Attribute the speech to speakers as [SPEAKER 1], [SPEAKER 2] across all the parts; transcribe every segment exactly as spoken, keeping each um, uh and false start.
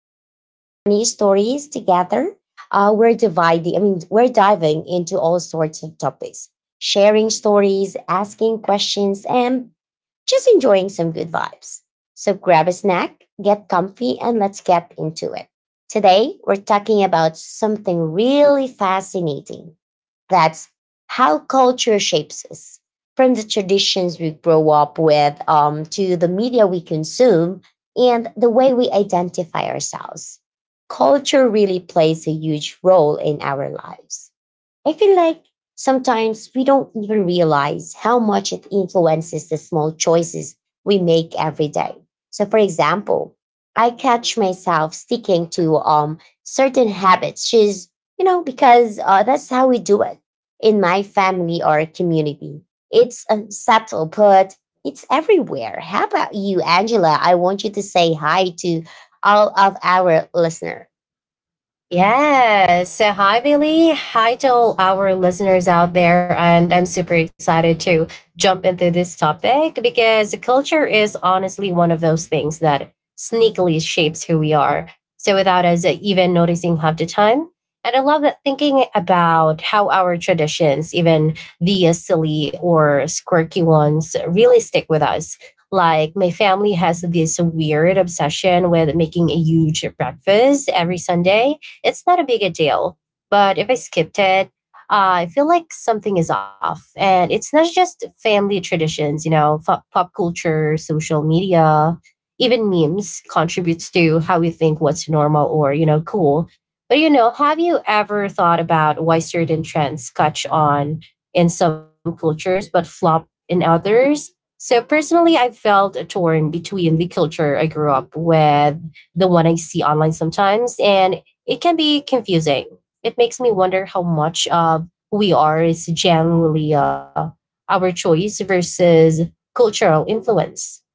[SPEAKER 1] always brings the funny stories together. Uh, we're dividing, I mean, we're diving into all sorts of topics, sharing stories, asking questions, and just enjoying some good vibes. So grab a snack, get comfy, and let's get into it. Today, we're talking about something really fascinating that's how culture shapes us from the traditions we grow up with um, to the media we consume and the way we identify ourselves. Culture really plays a huge role in our lives. I feel like sometimes we don't even realize how much it influences the small choices we make every day. So, for example, I catch myself sticking to um, certain habits, just, you know, because uh, that's how we do it in my family or community. It's uh, subtle, but it's everywhere. How about you, Angela? I want you to say hi to all of our listener.
[SPEAKER 2] Yes. So, hi, Billy. Hi to all our listeners out there. And I'm super excited to jump into this topic because culture is honestly one of those things that sneakily shapes who we are. So, without us even noticing half the time. And I love that thinking about how our traditions, even the silly or quirky ones, really stick with us. Like, my family has this weird obsession with making a huge breakfast every Sunday. It's not a big a deal. But if I skipped it, uh, I feel like something is off. And it's not just family traditions, you know, fo- pop culture, social media, even memes contributes to how we think what's normal or, you know, cool. But, you know, have you ever thought about why certain trends catch on in some cultures but flop in others? So personally, I felt torn between the culture I grew up with, the one I see online sometimes, and it can be confusing. It makes me wonder how much of who we are is generally uh, our choice versus cultural influence.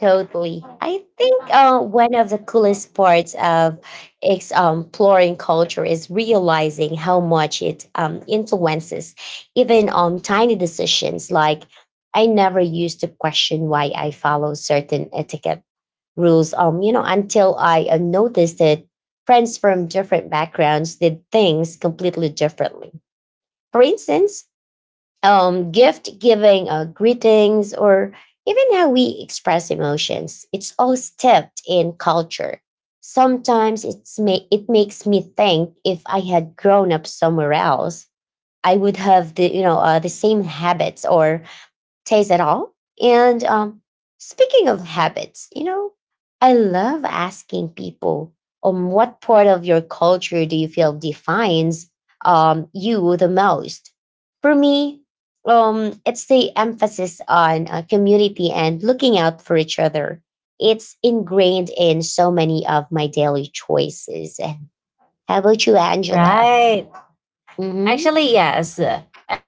[SPEAKER 1] Totally. I think uh, one of the coolest parts of ex- um, exploring culture is realizing how much it um, influences even um, tiny decisions. Like, I never used to question why I follow certain etiquette rules, um, you know, until I uh, noticed that friends from different backgrounds did things completely differently. For instance, um, gift giving, uh, greetings, or even how we express emotions. It's all steeped in culture. Sometimes it's ma- it makes me think if I had grown up somewhere else, I would have the you know uh, the same habits or taste at all. And um, speaking of habits, you know, I love asking people on what part of your culture do you feel defines um, you the most. For me, um, it's the emphasis on uh, community and looking out for each other. It's ingrained in so many of my daily choices. And how about you, Angela?
[SPEAKER 2] Right.
[SPEAKER 1] Hmm
[SPEAKER 2] Actually, yes.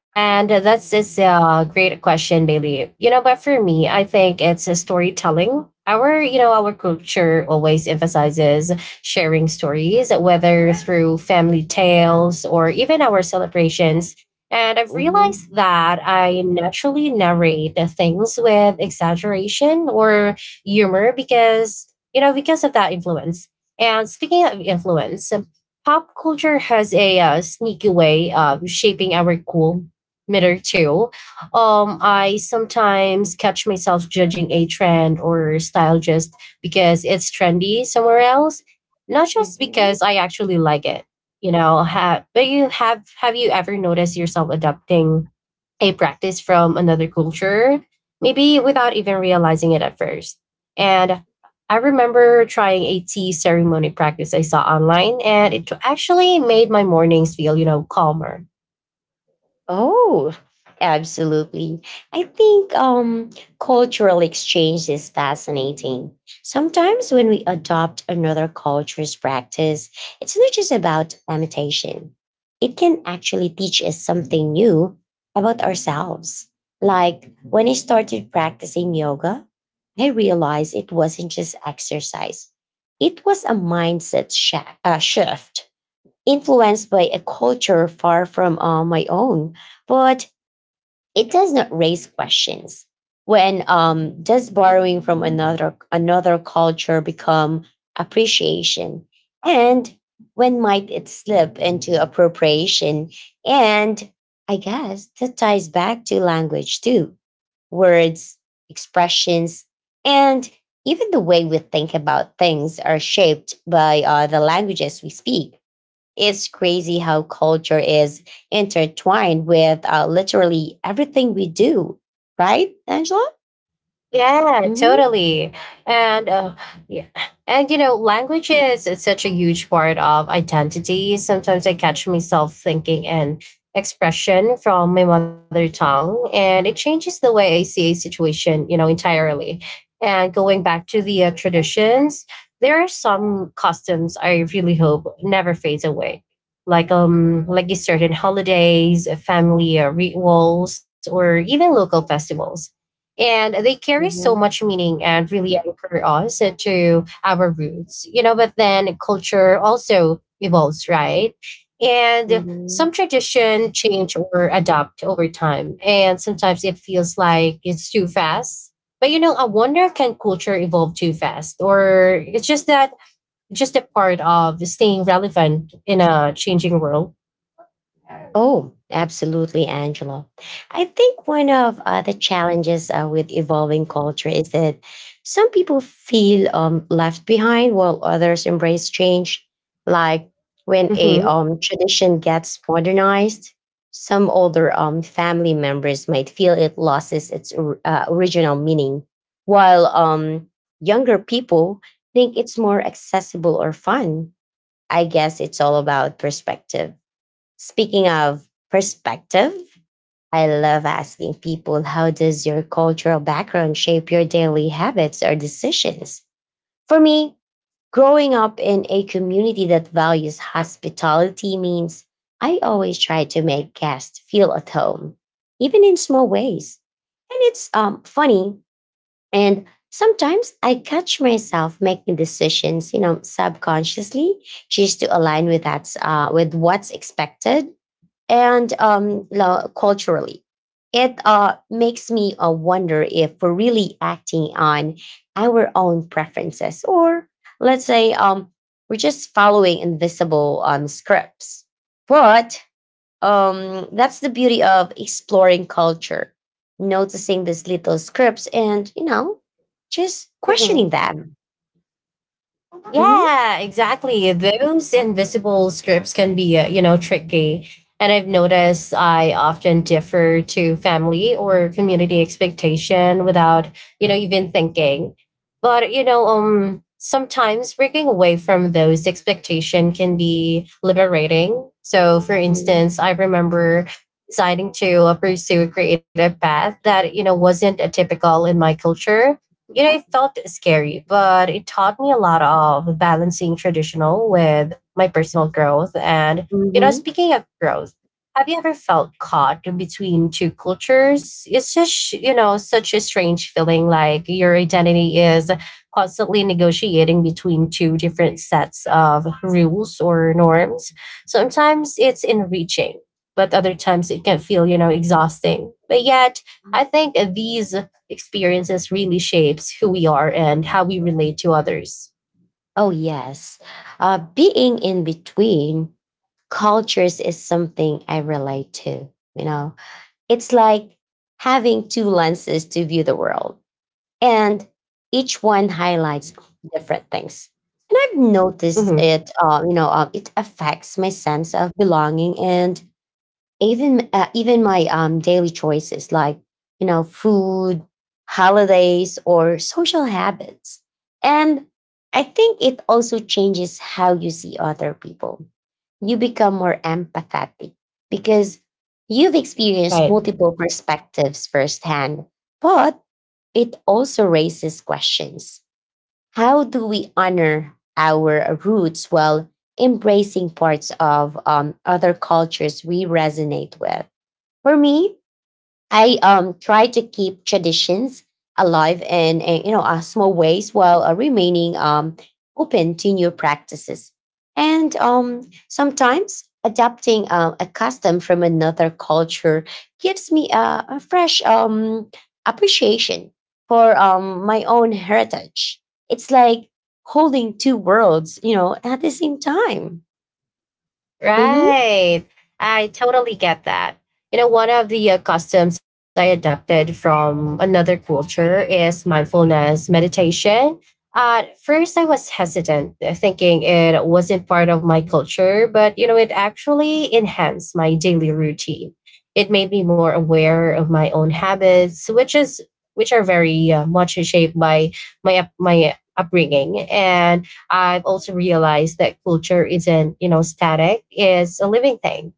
[SPEAKER 2] And that's it's a great question, Bailey. You know, but for me, I think it's a storytelling. Our, you know, our culture always emphasizes sharing stories, whether through family tales or even our celebrations. And I've realized
[SPEAKER 1] hmm
[SPEAKER 2] that I naturally narrate the things with exaggeration or humor because, you know, because of that influence. And speaking of influence, pop culture has a uh, sneaky way of shaping our cool meter too. Um, I sometimes catch myself judging a trend or style just because it's trendy somewhere else, not just because I actually like it. You know, have but you have have you ever noticed yourself adopting a practice from another culture, maybe without even realizing it at first? And I remember trying a tea ceremony practice I saw online, and it actually made my mornings feel, you know, calmer.
[SPEAKER 1] Oh, absolutely. I think um, cultural exchange is fascinating. Sometimes when we adopt another culture's practice, it's not just about imitation, it can actually teach us something new about ourselves. Like when I started practicing yoga, I realized it wasn't just exercise, it was a mindset sha- uh, shift influenced by a culture far from uh, my own, but it does not raise questions. When um, does borrowing from another another culture become appreciation, and when might it slip into appropriation? And I guess that ties back to language too, words, expressions, and even the way we think about things are shaped by uh, the languages we speak. It's crazy how culture is intertwined with uh, literally everything we do, right, Angela?
[SPEAKER 2] Yeah,
[SPEAKER 1] Hmm
[SPEAKER 2] totally. And uh, yeah, and you know, language is it's such a huge part of identity. Sometimes I catch myself thinking and expression from my mother tongue, and it changes the way I see a situation, you know, entirely. And going back to the uh, traditions, there are some customs I really hope never fades away. Like um, like certain holidays, family uh, rituals, or even local festivals, and they carry so
[SPEAKER 1] hmm
[SPEAKER 2] much meaning and really anchor us to our roots, you know. But then culture also evolves, right? And
[SPEAKER 1] hmm
[SPEAKER 2] some tradition change or adapt over time, and sometimes it feels like it's too fast. But you know, I wonder, can culture evolve too fast or it's just that just a part of staying relevant in a changing world?
[SPEAKER 1] Oh, absolutely, Angela. I think one of uh, the challenges uh, with evolving culture is that some people feel um, left behind while others embrace change. Like when a
[SPEAKER 2] hmm
[SPEAKER 1] um, tradition gets modernized, some older um, family members might feel it loses its or- uh, original meaning, while um, younger people think it's more accessible or fun. I guess it's all about perspective. Speaking of perspective, I love asking people how does your cultural background shape your daily habits or decisions? For me, growing up in a community that values hospitality means I always try to make guests feel at home, even in small ways. And it's um, funny. And sometimes I catch myself making decisions, you know, subconsciously just to align with that's uh, with what's expected and um, lo- culturally. It uh, makes me uh, wonder if we're really acting on our own preferences, or let's say um, we're just following invisible um, scripts. But um, that's the beauty of exploring culture, noticing these little scripts and, you know, just questioning
[SPEAKER 2] hmm
[SPEAKER 1] them. Mhm.
[SPEAKER 2] Yeah, exactly. Those invisible scripts can be, uh, you know, tricky. And I've noticed I often differ to family or community expectation without, you know, even thinking. But, you know, um sometimes breaking away from those expectation can be liberating. So, for
[SPEAKER 1] Mhm.
[SPEAKER 2] instance, I remember deciding to uh, pursue a creative path that, you know, wasn't a typical in my culture. You know, it felt scary, but it taught me a lot of balancing traditional with my personal growth. And, you know,
[SPEAKER 1] Mhm.
[SPEAKER 2] speaking of growth, have you ever felt caught in between two cultures? It's just, you know, such a strange feeling like your identity is constantly negotiating between two different sets of rules or norms. Sometimes it's enriching, but other times it can feel, you know, exhausting. But yet, I think these experiences really shapes who we are and how we relate to others.
[SPEAKER 1] Oh, yes. Uh, being in between cultures is something I relate to. You know, it's like having two lenses to view the world, and each one highlights different things. And I've noticed
[SPEAKER 2] Hmm.
[SPEAKER 1] it, uh, you know, uh, it affects my sense of belonging and even uh, even my um, daily choices like you know food, holidays, or social habits. And I think it also changes how you see other people. You become more empathetic because you've experienced
[SPEAKER 2] Right.
[SPEAKER 1] multiple perspectives firsthand, but it also raises questions. How do we honor our roots while embracing parts of um, other cultures we resonate with? For me, I um try to keep traditions alive in, and, you know uh, small ways while uh, remaining um open to new practices. And um sometimes adapting uh, a custom from another culture gives me a, a fresh um appreciation for um my own heritage. It's like holding two worlds, you know, at the same time. Mhm.
[SPEAKER 2] Right. I totally get that. You know, one of the uh, customs I adopted from another culture is mindfulness meditation. At first, I was hesitant, uh, thinking it wasn't part of my culture, but you know, it actually enhanced my daily routine. It made me more aware of my own habits, which is which are very uh, much shaped by my up my upbringing. And I've also realized that culture isn't, you know, static, it's a living thing.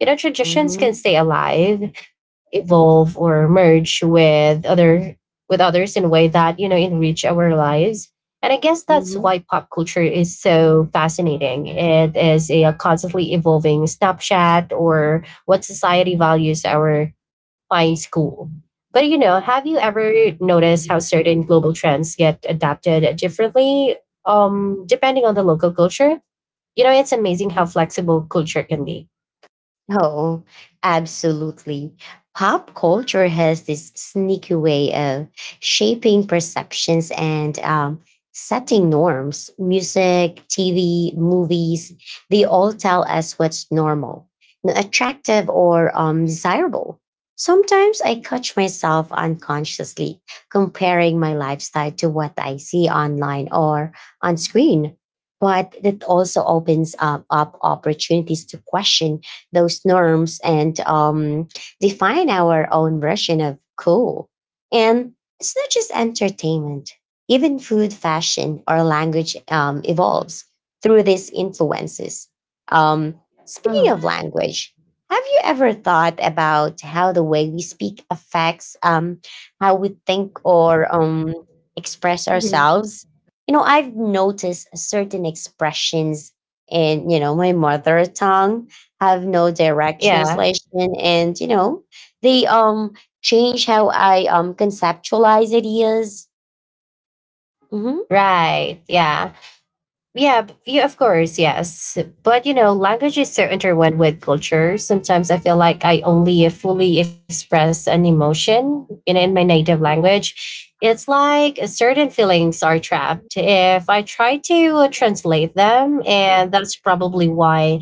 [SPEAKER 2] You know, traditions
[SPEAKER 1] Mhm.
[SPEAKER 2] can stay alive, evolve, or merge with other with others in a way that, you know, enrich our lives. And I guess that's
[SPEAKER 1] Mhm.
[SPEAKER 2] why pop culture is so fascinating. It is a constantly evolving snapshot or what society values our finds cool. But you know, have you ever noticed how certain global trends get adapted differently um, depending on the local culture? You know, it's amazing how flexible culture can be.
[SPEAKER 1] Oh, absolutely. Pop culture has this sneaky way of shaping perceptions and um, setting norms. Music, T V, movies, they all tell us what's normal, n- attractive, or um, desirable. Sometimes I catch myself unconsciously comparing my lifestyle to what I see online or on screen. But that also opens up, up opportunities to question those norms and um, define our own version of cool. And it's not just entertainment, even food, fashion, or language um, evolves through these influences. Um, Speaking
[SPEAKER 2] Uh-huh.
[SPEAKER 1] of language, have you ever thought about how the way we speak affects um, how we think or um, express
[SPEAKER 2] Hmm.
[SPEAKER 1] ourselves? You know, I've noticed certain expressions in, you know, my mother tongue have no direct
[SPEAKER 2] Yeah,
[SPEAKER 1] translation, and you know they um change how i um conceptualize ideas. Mm-hmm.
[SPEAKER 2] right. Yeah. Yeah, b- yeah, of course, yes. But you know, language is so intertwined with culture. Sometimes I feel like I only fully express an emotion in, in my native language. It's like certain feelings are trapped if I try to uh, translate them, and that's probably why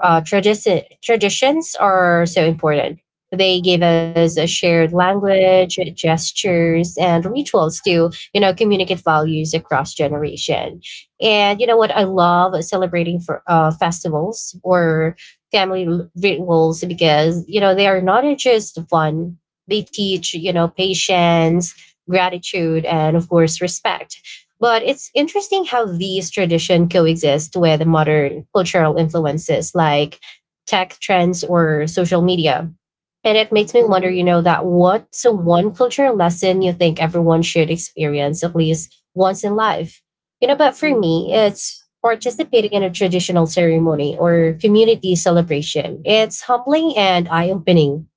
[SPEAKER 2] uh, tradition, traditions are so important. They give us a shared language, gestures, and rituals to, you know, communicate values across generation. And you know what? I love celebrating for uh, festivals or family r- rituals, because you know they are not just fun. They teach, you know, patience, gratitude, and of course, respect. But it's interesting how these tradition coexist with modern cultural influences like tech trends or social media. And it makes me wonder, you
[SPEAKER 1] hmm
[SPEAKER 2] know, that what's the one cultural lesson you think everyone should experience at least once in life? You know, but for me,
[SPEAKER 1] hmm
[SPEAKER 2] it's participating in a
[SPEAKER 1] hmm
[SPEAKER 2] traditional ceremony or community celebration. It's humbling and eye opening.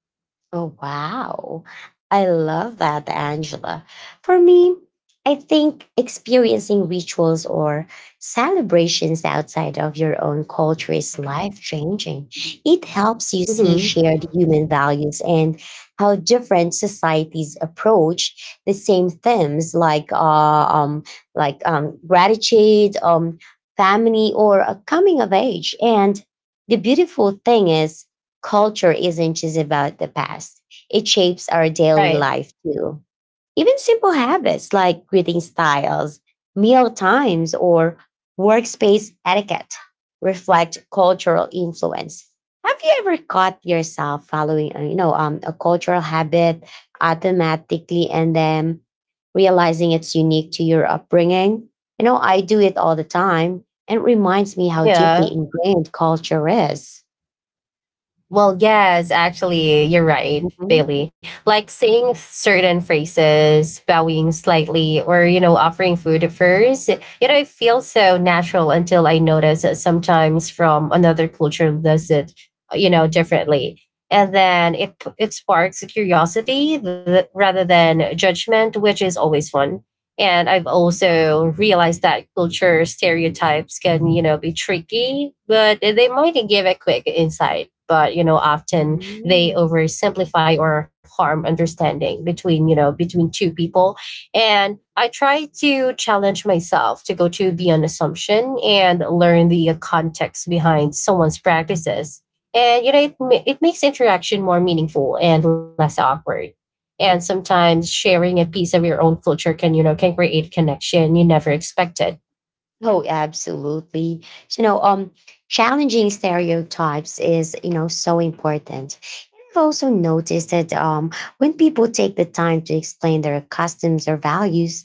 [SPEAKER 1] Oh, wow. I love that, Angela. For me, I think experiencing rituals or celebrations outside of your own culture is life changing. It helps you see
[SPEAKER 2] Hmm.
[SPEAKER 1] shared human values and how different societies approach the same themes like uh, um, like um, gratitude, um, family, or a coming of age. And the beautiful thing is culture isn't just about the past, it shapes our daily
[SPEAKER 2] Right.
[SPEAKER 1] life too. Even simple habits like greeting styles, meal times, or workspace etiquette reflect cultural influence. Have you ever caught yourself following, uh, you know, um, a cultural habit automatically and then realizing it's unique to your upbringing? You know, I do it all the time and it reminds me how deeply
[SPEAKER 2] Yeah.
[SPEAKER 1] ingrained culture is.
[SPEAKER 2] Well, yes, actually, you're right,
[SPEAKER 1] Mm-hmm.
[SPEAKER 2] Bailey. Like saying certain phrases, bowing slightly, or, you know, offering food at first, you know, it feels so natural until I notice that sometimes from another culture does it, you know, differently. And then it, it sparks curiosity th- rather than judgment, which is always fun. And I've also realized that culture stereotypes can, you know, be tricky, but they might give a quick insight, but you know often they
[SPEAKER 1] Mm.
[SPEAKER 2] oversimplify or harm understanding between, you know, between two people. And I try to challenge myself to go to beyond assumption and learn the uh, context behind someone's practices. And you know it, ma- it makes interaction more meaningful and less awkward. And sometimes sharing a piece of your own culture can, you know, can create connection you never expected.
[SPEAKER 1] Oh, absolutely. So, you know, um, challenging stereotypes is, you know, so important. I've also noticed that um, when people take the time to explain their customs or values,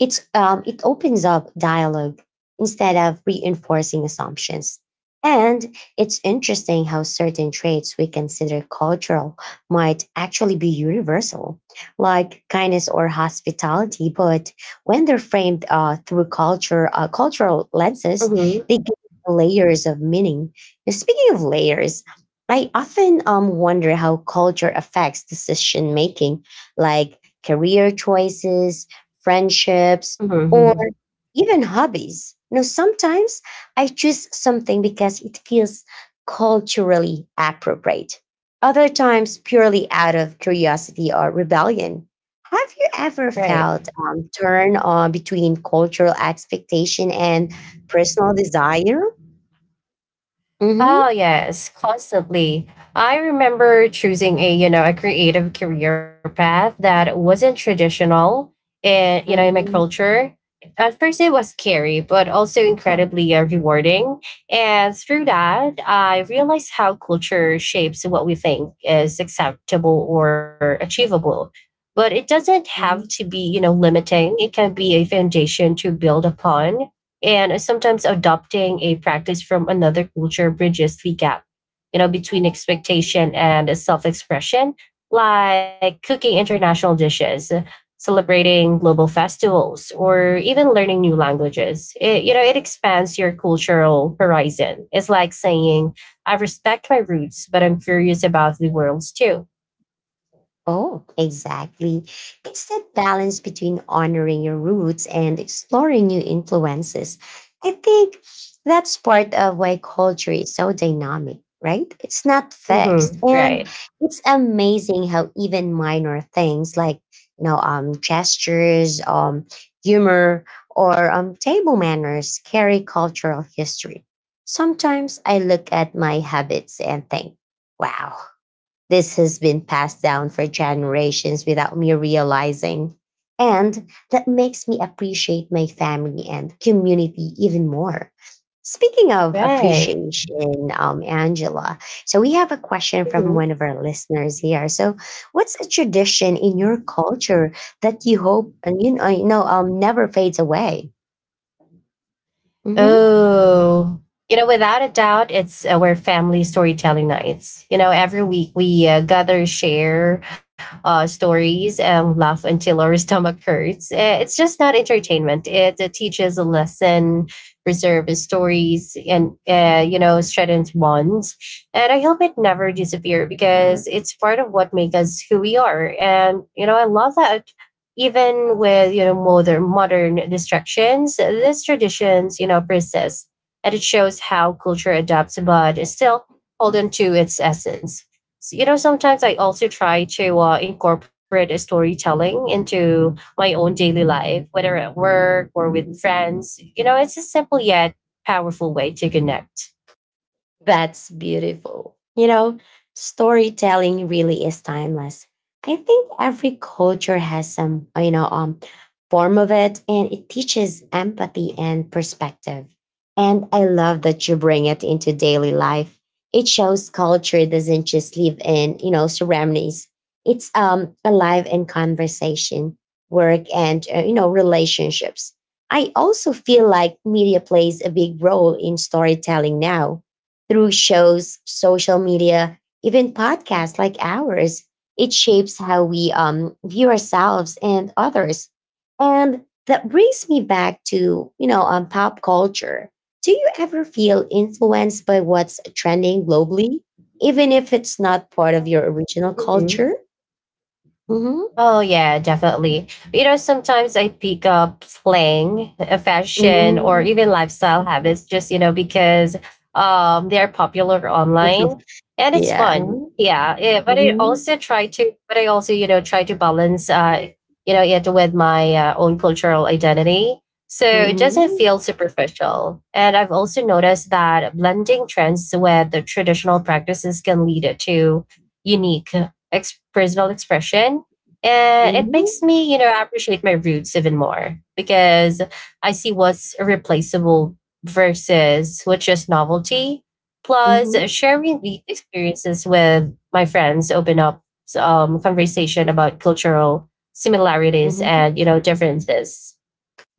[SPEAKER 1] it's um, it opens up dialogue instead of reinforcing assumptions. And it's interesting how certain traits we consider cultural might actually be universal, like kindness or hospitality, but when they're framed uh, through culture, uh, cultural lenses,
[SPEAKER 2] Mm-hmm.
[SPEAKER 1] they give layers of meaning. Now, speaking of layers, I often um, wonder how culture affects decision making, like career choices, friendships,
[SPEAKER 2] Mm-hmm.
[SPEAKER 1] even hobbies. You know, sometimes I choose something because it feels culturally appropriate. Other times, purely out of curiosity or rebellion. Have you ever
[SPEAKER 2] Right.
[SPEAKER 1] felt um, turn uh, between cultural expectation and personal desire?
[SPEAKER 2] Oh
[SPEAKER 1] Mm-hmm.
[SPEAKER 2] yes, constantly. I remember choosing a, you know, a creative career path that wasn't traditional in, you know, in my
[SPEAKER 1] Mm-hmm.
[SPEAKER 2] culture. At first it was scary, but also incredibly uh, rewarding. And through that, I realized how culture shapes what we think is acceptable or achievable. But it doesn't have
[SPEAKER 1] Mm-hmm.
[SPEAKER 2] to be, you know, limiting. It can be a foundation to build upon. And sometimes adopting a practice from another culture bridges the gap, you know, between expectation and self expression, like cooking international dishes, celebrating global festivals, or even learning new languages. It, you know, it expands your cultural horizon. It's like saying, I respect my roots, but I'm curious about the world's too.
[SPEAKER 1] Oh, exactly. It's that balance between honoring your roots and exploring new influences. I think that's part of why culture is so dynamic, right? It's not fixed.
[SPEAKER 2] Hmm.
[SPEAKER 1] And
[SPEAKER 2] Right.
[SPEAKER 1] it's amazing how even minor things like, you know, um, gestures, um, humor, or um, table manners carry cultural history. Sometimes I look at my habits and think, wow, this has been passed down for generations without me realizing. And that makes me appreciate my family and community even more. Speaking of
[SPEAKER 2] Right.
[SPEAKER 1] appreciation, um, Angela, so we have a question from one
[SPEAKER 2] Mhm.
[SPEAKER 1] of our listeners here. So, what's a tradition in your culture that you hope and you know, you know um, never fades away?
[SPEAKER 2] Oh, you know, without a doubt, it's uh, our family storytelling nights. You know, every week we uh, gather, share uh, stories, and laugh until our stomach hurts. Uh, It's just not entertainment. It, uh, teaches a lesson, preserves stories, and uh, you know, strengthens bonds. And I hope it never disappears because it's part of what makes us who we are. And you know, I love that even with you know modern modern distractions these traditions you know persist. And it shows how culture adapts but still hold on to its essence. So, you know, sometimes I also try to uh, incorporate a storytelling into my own daily life whether at work or with friends. You know, it's a simple yet powerful way to connect.
[SPEAKER 1] That's beautiful. You know, storytelling really is timeless. I think every culture has some, you know, um, form of it, and it teaches empathy and perspective. And I love that you bring it into daily life. It shows culture doesn't just live in, you know, ceremonies. It's um alive in conversation, work, and uh, you know, relationships. I also feel like media plays a big role in storytelling now through shows, social media, even podcasts like ours, it shapes how we um, view ourselves and others. And that brings me back to, you know, um, pop culture. Do you ever feel influenced by what's trending globally, even if it's not part of your original culture? Hmm
[SPEAKER 2] Oh yeah, definitely. You know, sometimes I pick up slang, uh, fashion, or
[SPEAKER 1] hmm
[SPEAKER 2] even lifestyle habits just, you know, because um they are popular online and it's
[SPEAKER 1] yeah.
[SPEAKER 2] fun. Yeah. yeah but I
[SPEAKER 1] hmm
[SPEAKER 2] also try to but I also, you know, try to balance uh, you know, it with my uh, own cultural identity. So it doesn't
[SPEAKER 1] hmm
[SPEAKER 2] feel superficial. And I've also noticed that blending trends with the traditional practices can lead to unique ex- personal expression. And it makes me, you know, appreciate my roots even more because I see what's replaceable versus what's just novelty. Plus,
[SPEAKER 1] hmm
[SPEAKER 2] sharing these experiences with my friends open up um, conversation about cultural similarities
[SPEAKER 1] hmm
[SPEAKER 2] and, you know, differences.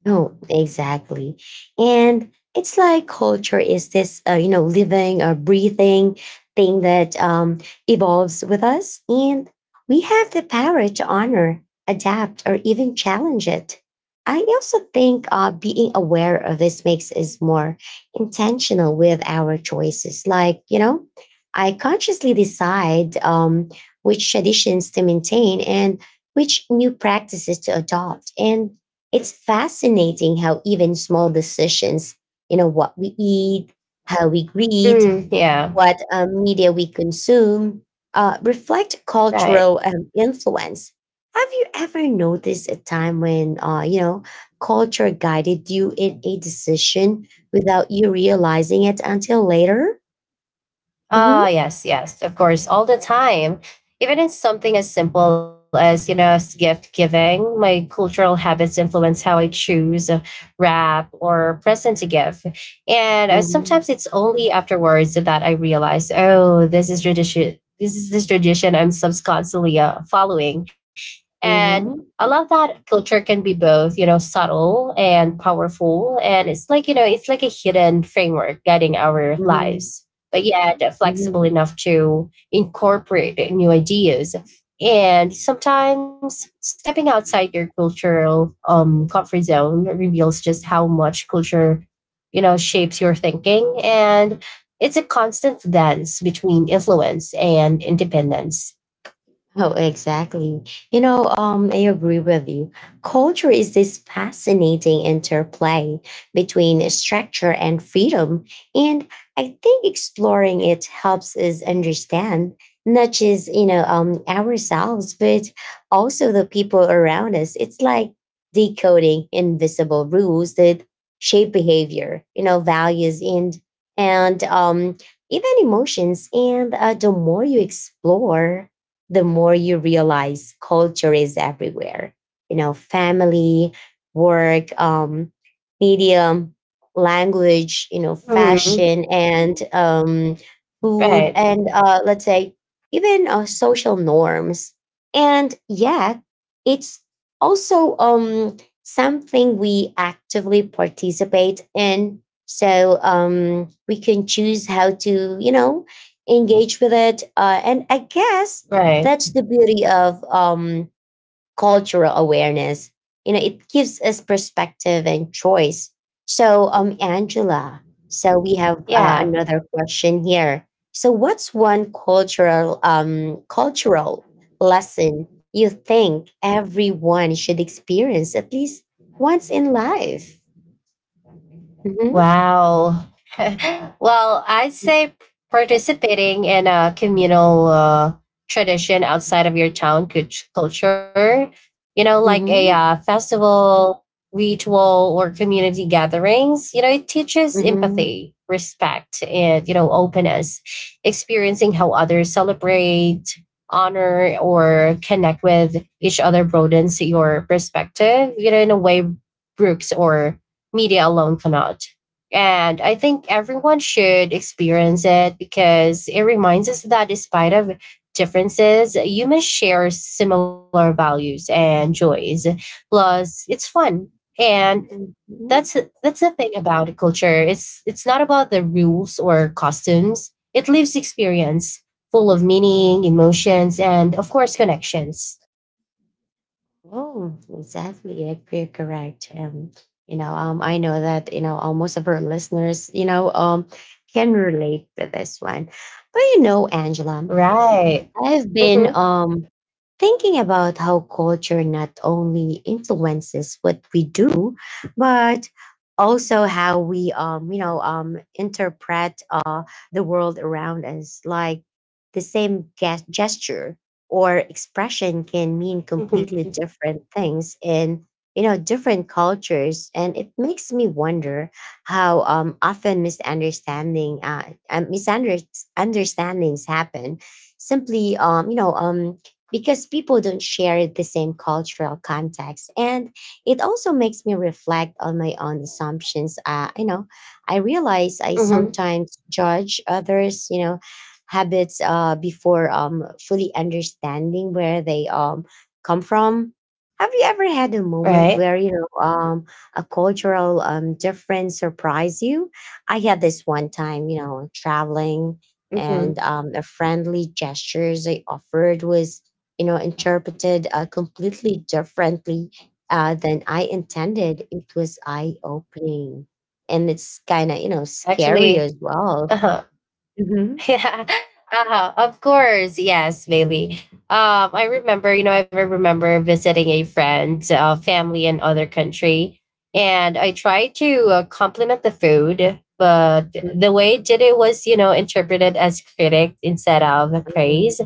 [SPEAKER 1] No, exactly. And it's like culture is this, uh, you know, living or breathing thing that um, evolves with us. And we have the power to honor, adapt, or even challenge it. I also think uh, being aware of this makes us more intentional with our choices. Like, you know, I consciously decide um, which traditions to maintain and which new practices to adopt. And it's fascinating how even small decisions, you know, what we eat, how we greet,
[SPEAKER 2] Mm, yeah,
[SPEAKER 1] what uh, media we consume, uh, reflect
[SPEAKER 2] right.
[SPEAKER 1] cultural um, influence. Have you ever noticed a time when, uh, you know, culture guided you in a decision without you realizing it until later? hmm
[SPEAKER 2] Ah, yes, yes, of course, all the time. Even in something as simple as, you know, as gift giving, my cultural habits influence how I choose a wrap or present to give. And uh,
[SPEAKER 1] hmm
[SPEAKER 2] sometimes it's only afterwards that I realize, oh, this is tradition. This is this tradition I'm subconsciously uh, following. And I
[SPEAKER 1] hmm
[SPEAKER 2] love that culture can be both, you know, subtle and powerful. And it's like, you know, it's like a hidden framework guiding our
[SPEAKER 1] hmm
[SPEAKER 2] lives but yet flexible
[SPEAKER 1] hmm
[SPEAKER 2] enough to incorporate new ideas. And sometimes stepping outside your cultural um, comfort zone reveals just how much culture, you know, shapes your thinking. And it's a constant dance between influence and independence.
[SPEAKER 1] Oh, exactly. You know, um, I agree with you. Culture is this fascinating interplay between structure and freedom. And I think exploring it helps us understand not just, you know, um, ourselves, but also the people around us. It's like decoding invisible rules that shape behavior, you know, values and, and, um, even emotions. And uh, the more you explore, the more you realize culture is everywhere. You know, family, work, um, medium, language, you know,
[SPEAKER 2] Mhm.
[SPEAKER 1] fashion, and um, food,
[SPEAKER 2] Right,
[SPEAKER 1] and uh, let's say even uh, social norms. And yet, it's also um, something we actively participate in. So um, we can choose how to, you know, engage with it. Uh, and I guess
[SPEAKER 2] right.
[SPEAKER 1] that's the beauty of um, cultural awareness. You know, it gives us perspective and choice. So, um, Angela, so we have uh,
[SPEAKER 2] Yeah.
[SPEAKER 1] another question here. So, what's one cultural um, cultural lesson you think everyone should experience at least once in life? Mm-hmm.
[SPEAKER 2] Wow. Well, I'd say participating in a communal uh, tradition outside of your town cult- culture, you know, like a
[SPEAKER 1] Mm-hmm.
[SPEAKER 2] uh, festival, ritual, or community gatherings, you know, it teaches
[SPEAKER 1] Mm-hmm.
[SPEAKER 2] empathy, respect, and, you know, openness, experiencing how others celebrate. Honor or connect with each other broadens your perspective, you know, in a way books or media alone cannot. And I think everyone should experience it because it reminds us that despite of differences humans share similar values and joys. Plus it's fun. And
[SPEAKER 1] Mm-hmm.
[SPEAKER 2] that's that's the thing about culture. It's it's not about the rules or costumes, it leaves experience full of meaning, emotions, and of course connections.
[SPEAKER 1] Oh, exactly. Like you're correct. Um, you know, um, I know that you know uh, most of our listeners, you know, um, can relate to this one. But you know, Angela,
[SPEAKER 2] Right.
[SPEAKER 1] I've been
[SPEAKER 2] Mm-hmm,
[SPEAKER 1] um, thinking about how culture not only influences what we do, but also how we um, you know um, interpret uh, the world around us. Like the same ge- gesture or expression can mean completely
[SPEAKER 2] mm-hmm,
[SPEAKER 1] different things in you know different cultures, and it makes me wonder how um, often misunderstanding uh, uh, misunder- misunderstandings happen simply um you know um because people don't share the same cultural context. And it also makes me reflect on my own assumptions, uh, you know, I realize I
[SPEAKER 2] mm-hmm,
[SPEAKER 1] sometimes judge others, you know, habits, uh, before um, fully understanding where they um, come from. Have you ever had a
[SPEAKER 2] right.
[SPEAKER 1] moment where you know um, a cultural um, difference surprised you? I had this one time, you know, traveling, and
[SPEAKER 2] Mm-hmm.
[SPEAKER 1] um, the friendly gestures they offered was you know interpreted uh, completely differently uh, than I intended. It was eye opening, and it's kind of, you know, scary
[SPEAKER 2] Actually.
[SPEAKER 1] as well.
[SPEAKER 2] Uh-huh.
[SPEAKER 1] Mm-hmm.
[SPEAKER 2] Yeah. Uh, of course. Yes, Bailey. Um, I remember, you know, I remember visiting a friend's uh, family in other country, and I tried to uh, compliment the food, but the way it did it was, you know, interpreted as critic instead of
[SPEAKER 1] Mm-hmm.
[SPEAKER 2] praise.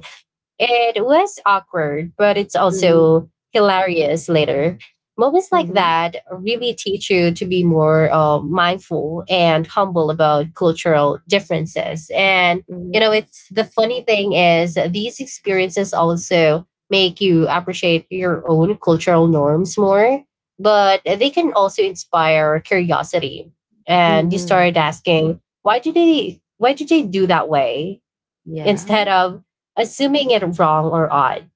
[SPEAKER 2] It was awkward, but it's
[SPEAKER 1] Mm-hmm.
[SPEAKER 2] also hilarious later. Moments like
[SPEAKER 1] Mm-hmm.
[SPEAKER 2] that really teach you to be more uh, mindful and humble about cultural differences. And, you know, it's the funny thing is these experiences also make you appreciate your own cultural norms more, but they can also inspire curiosity. And you
[SPEAKER 1] Mm-hmm.
[SPEAKER 2] start asking, why do they why do they do that way?
[SPEAKER 1] Yeah.
[SPEAKER 2] Instead of assuming it wrong or odd.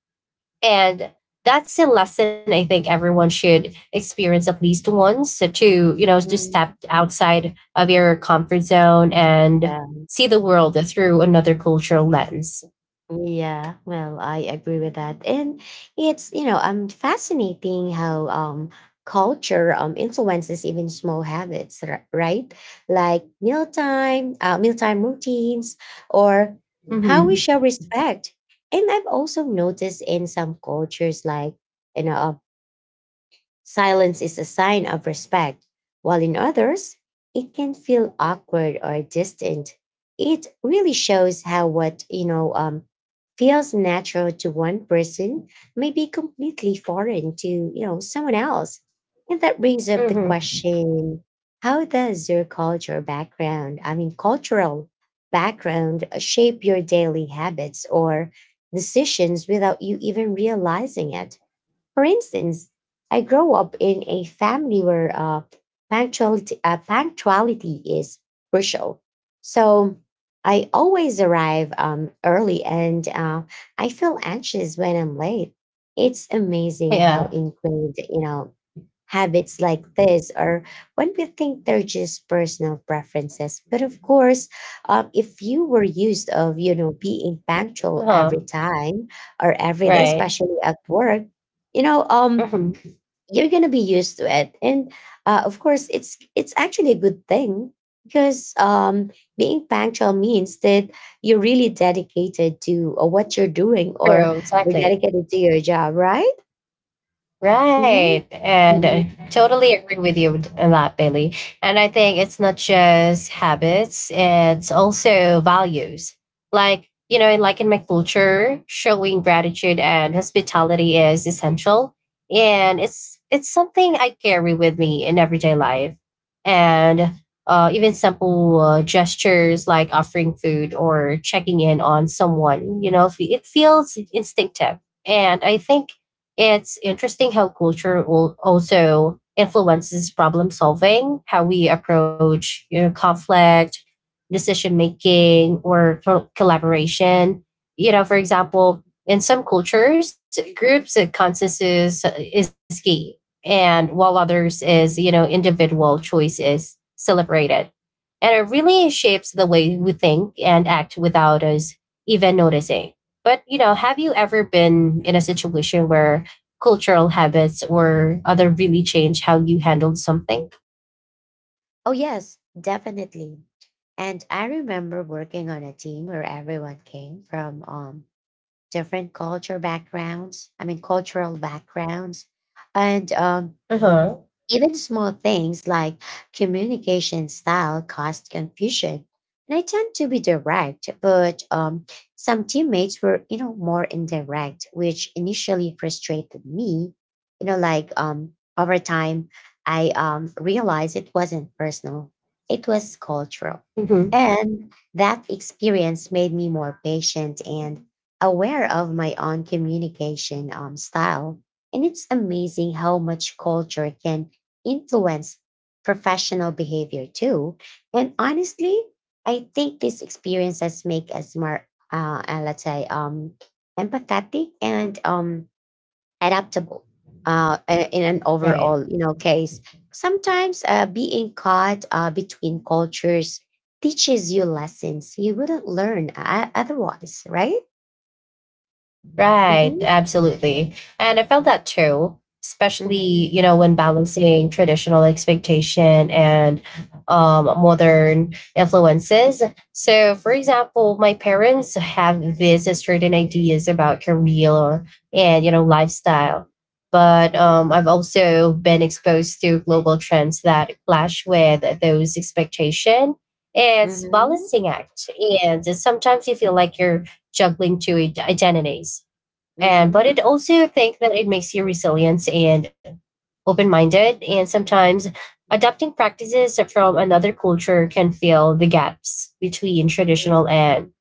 [SPEAKER 2] And that's a lesson I think everyone should experience at least once to, you know, to step
[SPEAKER 1] Mm-hmm.
[SPEAKER 2] outside of your comfort zone and
[SPEAKER 1] Yeah.
[SPEAKER 2] see the world through another cultural lens.
[SPEAKER 1] Yeah, well, I agree with that. And it's, you know, um fascinating how um culture um influences even small habits, ri- right? Like mealtime, uh, mealtime routines or how we
[SPEAKER 2] Mm-hmm.
[SPEAKER 1] show respect. And I've also noticed in some cultures like you know um, silence is a sign of respect, while in others, it can feel awkward or distant. It really shows how what, you know, um, feels natural to one person may be completely foreign to, you know, someone else. And that brings up the
[SPEAKER 2] Mm-hmm.
[SPEAKER 1] question, how does your culture background, I mean, cultural background shape your daily habits or decisions without you even realizing it? For instance, I grow up in a family where uh, punctuality, uh, punctuality is crucial. So I always arrive um, early, and uh, I feel anxious when I'm late. It's amazing how
[SPEAKER 2] Yeah.
[SPEAKER 1] ingrained, you know, habits like this or when we think they're just personal preferences. But of course um, if you were used of you know being punctual every
[SPEAKER 2] Uh-huh.
[SPEAKER 1] time or every day,
[SPEAKER 2] Right.
[SPEAKER 1] especially at work, you know um
[SPEAKER 2] Mhm.
[SPEAKER 1] you're gonna be used to it. And uh, of course it's it's actually a good thing because um being punctual means that you're really dedicated to uh, what you're doing, or
[SPEAKER 2] True.
[SPEAKER 1] you're
[SPEAKER 2] Exactly.
[SPEAKER 1] dedicated to your job, right? hmm
[SPEAKER 2] Right. And I totally agree with you a lot, Bailey. And I think it's not just habits, it's also values. Like, you know, like in my culture, showing gratitude and hospitality is essential. And it's it's something I carry with me in everyday life. And uh, even simple uh, gestures like offering food or checking in on someone, you know, it feels instinctive. And I think it's interesting how culture will also influences problem solving, how we approach you know, conflict, decision making, or co- collaboration. You know, for example, in some cultures, groups uh, consensus is key, and while others is you know individual choice is celebrated, and it really shapes the way we think and act without us even noticing. But you know, have you ever been in a situation where cultural habits or other really change how you handled something?
[SPEAKER 1] Oh, yes, definitely. And I remember working on a team where everyone came from um, different culture backgrounds, I mean, cultural backgrounds. And um,
[SPEAKER 2] Uh huh.
[SPEAKER 1] even small things like communication style caused confusion. And I tend to be direct, but um, some teammates were, you know, more indirect, which initially frustrated me. You know, like um, over time, I um, realized it wasn't personal; it was cultural,
[SPEAKER 2] Mm-hmm.
[SPEAKER 1] and that experience made me more patient and aware of my own communication um, style. And it's amazing how much culture can influence professional behavior too. And honestly, I think these experiences make us more, uh, uh, let's say, um, empathetic and um, adaptable. Uh, i- in an
[SPEAKER 2] Right.
[SPEAKER 1] overall, you know, case, sometimes uh, being caught uh, between cultures teaches you lessons you wouldn't learn uh, otherwise, right?
[SPEAKER 2] Right,
[SPEAKER 1] Mm-hmm,
[SPEAKER 2] absolutely. And I felt that too, especially,
[SPEAKER 1] mm-hmm,
[SPEAKER 2] you know, when balancing traditional expectation and um, modern influences. So, for example, my parents have these certain ideas about career and, you know, lifestyle. But um, I've also been exposed to global trends that clash with those expectations. It's
[SPEAKER 1] mm-hmm,
[SPEAKER 2] balancing act. And sometimes you feel like you're juggling two id- identities, and but
[SPEAKER 1] mm-hmm,
[SPEAKER 2] it also think that it makes you resilient and open-minded, and sometimes adapting practices from another culture can fill the gaps between traditional and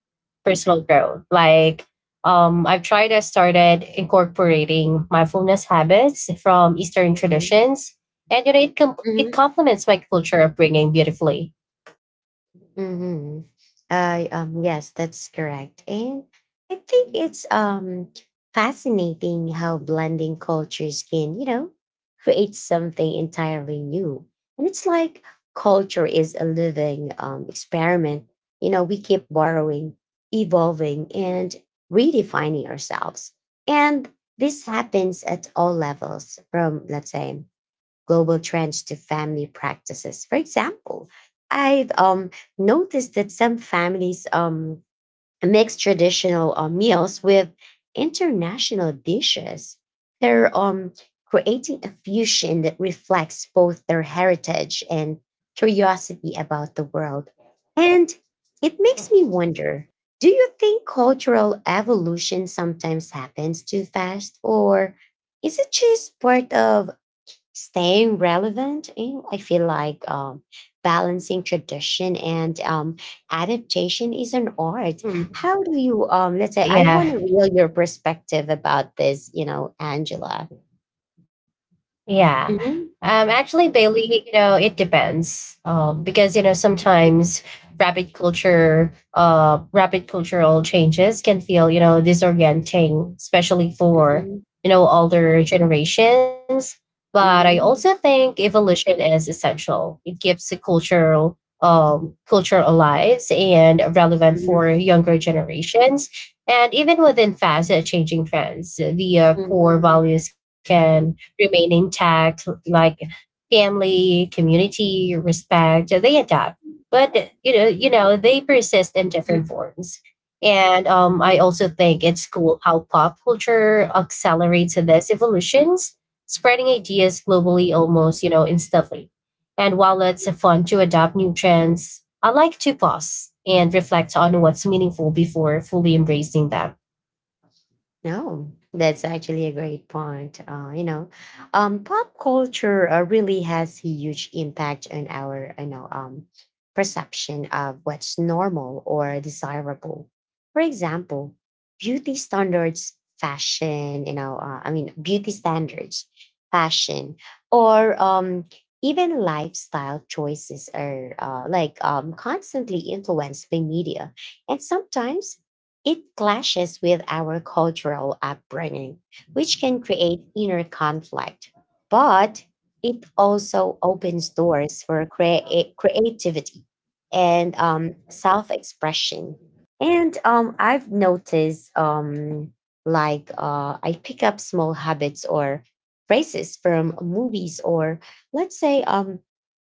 [SPEAKER 2] personal growth, like um, I've tried i started incorporating mindfulness habits from eastern
[SPEAKER 1] mm-hmm,
[SPEAKER 2] traditions. And you know it, com- it complements my culture upbringing beautifully.
[SPEAKER 1] mm-hmm. I um yes, that's correct. And I think it's um fascinating how blending cultures can, you know, create something entirely new. And it's like culture is a living um experiment. You know, we keep borrowing, evolving, and redefining ourselves. And this happens at all levels, from let's say global trends to family practices. For example, I've um, noticed that some families um, mix traditional uh, meals with international dishes. They're um, Creating a fusion that reflects both their heritage and curiosity about the world. And it makes me wonder, do you think cultural evolution sometimes happens too fast, or is it just part of staying relevant? eh, I feel like um, balancing tradition and um, adaptation is an art.
[SPEAKER 2] Mhm.
[SPEAKER 1] How do you um, let's say, I want
[SPEAKER 2] Yeah.
[SPEAKER 1] to real your perspective about this, you know, Angela?
[SPEAKER 2] Yeah.
[SPEAKER 1] Mhm.
[SPEAKER 2] Um, actually, Bailey, you know, it depends um, because you know sometimes rapid culture, uh, rapid cultural changes can feel you know disorienting, especially for
[SPEAKER 1] Mhm.
[SPEAKER 2] you know older generations. But I also
[SPEAKER 1] Mhm.
[SPEAKER 2] think evolution is essential. It keeps the cultural um, culture alive and relevant for younger generations. And even within fast uh, changing trends, the uh, core
[SPEAKER 1] Mhm.
[SPEAKER 2] values can remain intact, like family, community, respect. So they adapt, but you know, you
[SPEAKER 1] Mhm.
[SPEAKER 2] know, they persist in different forms. And um, I
[SPEAKER 1] Mhm.
[SPEAKER 2] also think it's cool how pop culture accelerates these evolutions, spreading ideas globally almost, you know, instantly. And while it's fun to adopt new trends, I like to pause and reflect on what's meaningful before fully embracing them.
[SPEAKER 1] No, that's actually a great point. Uh, you know, um, pop culture uh, really has a huge impact on our, you know, um, perception of what's normal or desirable. For example, beauty standards, fashion. You know, uh, I mean, beauty standards, fashion, or um, even lifestyle choices are uh, like um, constantly influenced by media, and sometimes it clashes with our cultural upbringing, which can create inner conflict, but it also opens doors for crea- creativity and um, self expression. And um, I've noticed, um, like, uh, I pick up small habits or phrases from movies or, let's say, um,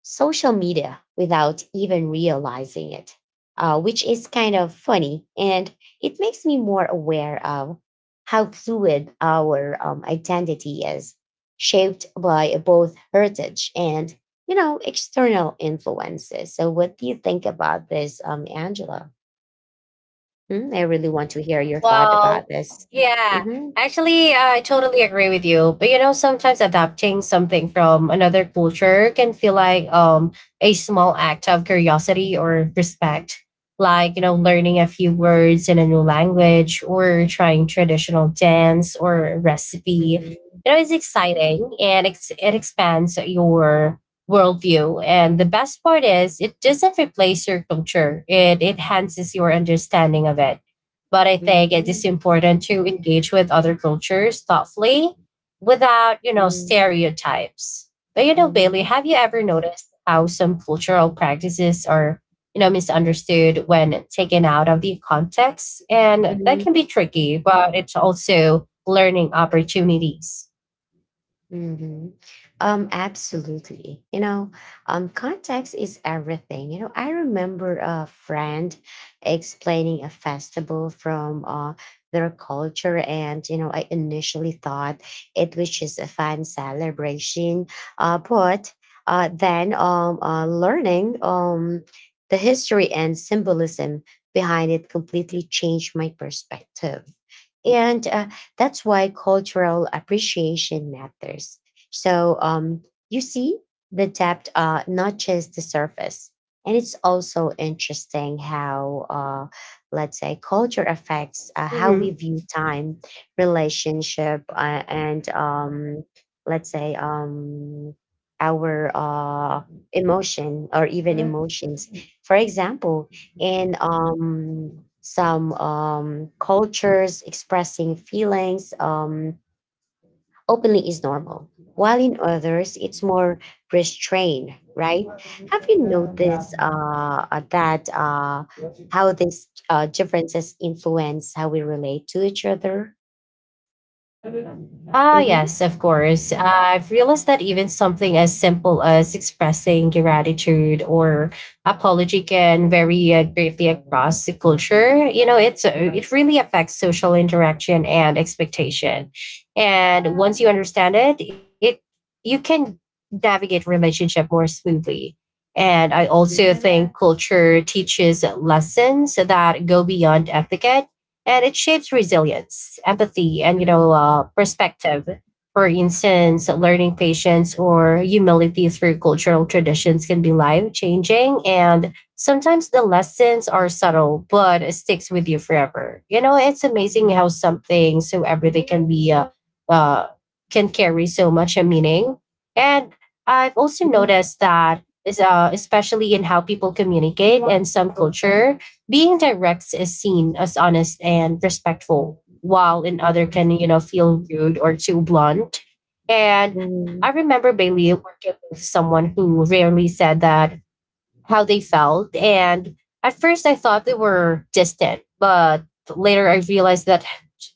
[SPEAKER 1] social media without even realizing it, uh, which is kind of funny, and it makes me more aware of how fluid our um, identity is, shaped by both heritage and, you know, external influences. So, what do you think about this, um, Angela? Hmm, I really want to hear your thought about
[SPEAKER 2] Well,
[SPEAKER 1] this.
[SPEAKER 2] yeah,
[SPEAKER 1] Mm-hmm.
[SPEAKER 2] actually, I totally agree with you. But you know, sometimes adapting something from another culture can feel like um, a small act of curiosity or respect, like, you know, learning a few words in a new language or trying traditional dance or recipe.
[SPEAKER 1] Mm-hmm.
[SPEAKER 2] You know, it's exciting and ex- it expands your worldview. And the best part is, it doesn't replace your culture, it enhances your understanding of it. But I think it
[SPEAKER 1] Mm-hmm.
[SPEAKER 2] is important to engage with other cultures thoughtfully without, you know, stereotypes. But you know, Bailey,
[SPEAKER 1] Mm-hmm.
[SPEAKER 2] have you ever noticed how some cultural practices are, you know, misunderstood when taken out of the context? And that can
[SPEAKER 1] Mm-hmm.
[SPEAKER 2] be tricky, but it's also learning opportunities.
[SPEAKER 1] hmm Um, absolutely. You know, um, context is everything. You know, I remember a friend explaining a festival from uh, their culture, and you know, I initially thought it was just a fun celebration, uh, but uh, then um, uh, learning um, the history and symbolism behind it completely changed my perspective. And uh, that's why cultural appreciation matters. So um, you see the depth, uh, not just the surface. And it's also interesting how, uh, let's say, culture affects uh, how we
[SPEAKER 2] Mhm.
[SPEAKER 1] view time, relationship, uh, and um, let's say um, our uh, emotion or even emotions. For example, in um, some um, cultures, expressing feelings um, openly is normal, while in others it's more restrained, right? Have you noticed uh, uh, that uh, how these uh, differences influence how we relate to each other?
[SPEAKER 2] Ah,
[SPEAKER 1] Mhm,
[SPEAKER 2] yes, of course. Uh, I've realized that even something as simple as expressing gratitude or apology can vary uh, greatly across the culture. You know, it's uh, it really affects social interaction and expectation. And once you understand it, it you can navigate relationship more smoothly. And I also
[SPEAKER 1] mhm,
[SPEAKER 2] think culture teaches lessons that go beyond etiquette, and it shapes resilience, empathy, and you know
[SPEAKER 1] mhm,
[SPEAKER 2] uh, perspective. For instance, learning patience or humility through cultural traditions can be life changing, and sometimes the lessons are subtle but it sticks with you forever. You know, it's amazing
[SPEAKER 1] mhm,
[SPEAKER 2] how something so everything can be uh, uh, can carry so much a meaning. And I've also
[SPEAKER 1] mhm,
[SPEAKER 2] noticed that is uh, especially in how people communicate and some culture being direct is seen as honest and respectful, while in other can, you know, feel rude or too blunt. And I
[SPEAKER 1] mhm,
[SPEAKER 2] remember Bailey working with someone who rarely said that how they felt. And at first, I thought they were distant, but later I realized that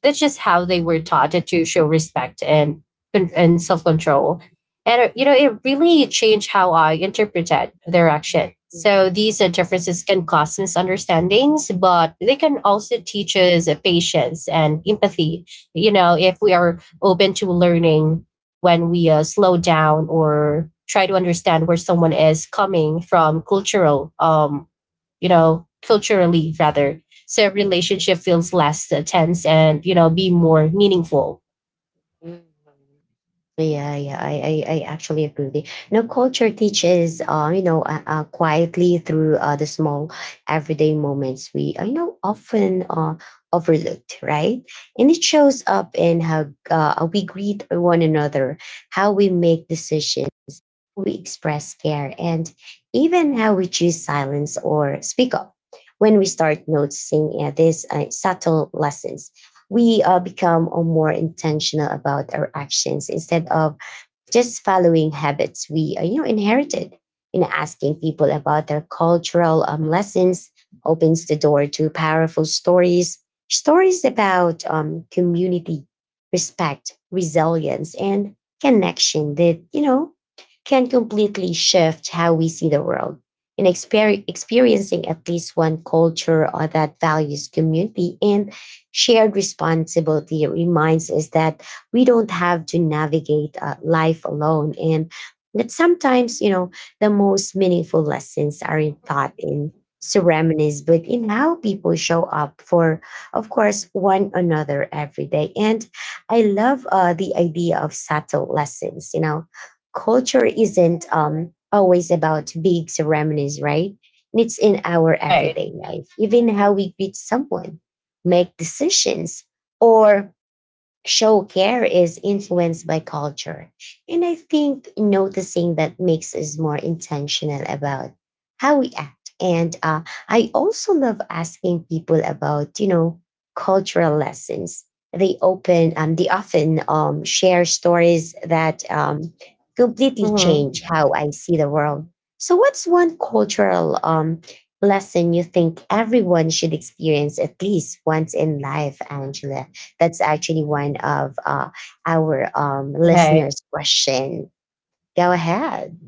[SPEAKER 2] that's just how they were taught to show respect and and self control. And uh, you know, it really changed how I interpreted their action.
[SPEAKER 1] mhm.
[SPEAKER 2] So these uh, differences can cause misunderstandings, but they can also teach us uh, patience and empathy. You know, if we are open to learning when we uh, slow down or try to understand where someone is coming from cultural um you know
[SPEAKER 1] Mhm.
[SPEAKER 2] culturally rather, so relationship feels less uh, tense and you know be more meaningful.
[SPEAKER 1] Mhm. Yeah, yeah, I, I, I actually agree with you. Now, culture teaches, uh, you know, uh, uh, quietly through uh, the small everyday moments we, uh, you know, often uh, overlooked, right? And it shows up in how uh, we greet one another, how we make decisions, we express care, and even how we choose silence or speak up. When we start noticing uh, these uh, subtle lessons, we uh, become uh, more intentional about our actions, instead of just following habits we, uh, you know, inherited. You know, asking people about their cultural um, lessons opens the door to powerful stories, stories about um, community, respect, resilience, and connection that you know can completely shift how we see the world. And exper- experiencing at least one culture or that values community and shared responsibility reminds us that we don't have to navigate uh, life alone, and that sometimes, you know, the most meaningful lessons aren't taught in ceremonies, but in how people show up for, of course, one another every day. And I love uh, the idea of subtle lessons. You know, culture isn't um, always about big ceremonies, right? And it's in our everyday
[SPEAKER 2] Right.
[SPEAKER 1] life, even how we greet someone, make decisions, or show care is influenced by culture. And I think noticing that makes us more intentional about how we act. And uh, I also love asking people about, you know, cultural lessons. They open, um, they often um, share stories that um, completely change
[SPEAKER 2] Mm-hmm.
[SPEAKER 1] how I see the world. So, what's one cultural um, lesson you think everyone should experience at least once in life, Angela? That's actually one of uh, our um,
[SPEAKER 2] Right.
[SPEAKER 1] listeners' question. Go ahead.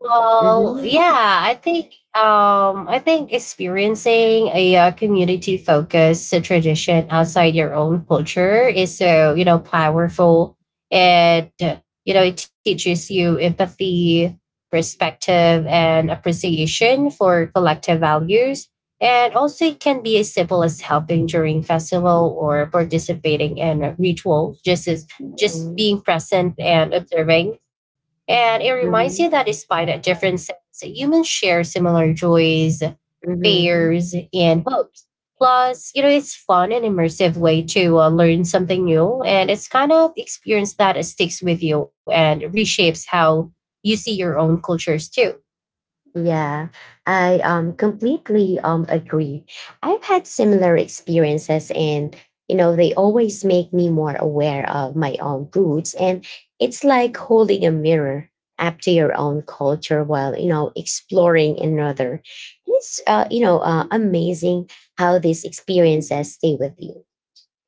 [SPEAKER 2] Well,
[SPEAKER 1] Mhm.
[SPEAKER 2] yeah, I think um, I think experiencing a uh, community focused tradition outside your own culture is so you know powerful, and you know it teaches you empathy, perspective, and appreciation for collective values. And also, it can be as simple as helping during festival or participating in a ritual, just as just
[SPEAKER 1] Mhm.
[SPEAKER 2] being present and observing. And it reminds you that
[SPEAKER 1] Mhm.
[SPEAKER 2] despite our differences, humans share similar joys,
[SPEAKER 1] Mhm.
[SPEAKER 2] fears, and hopes. Plus, you know, it's fun and immersive way to uh, learn something new, and it's kind of experience that sticks with you and reshapes how you see your own cultures too.
[SPEAKER 1] Yeah, I um, completely um, agree. I've had similar experiences, and you know, they always make me more aware of my own roots. And it's like holding a mirror up to your own culture while you know exploring another. It's uh, you know uh, amazing how these experiences stay with you,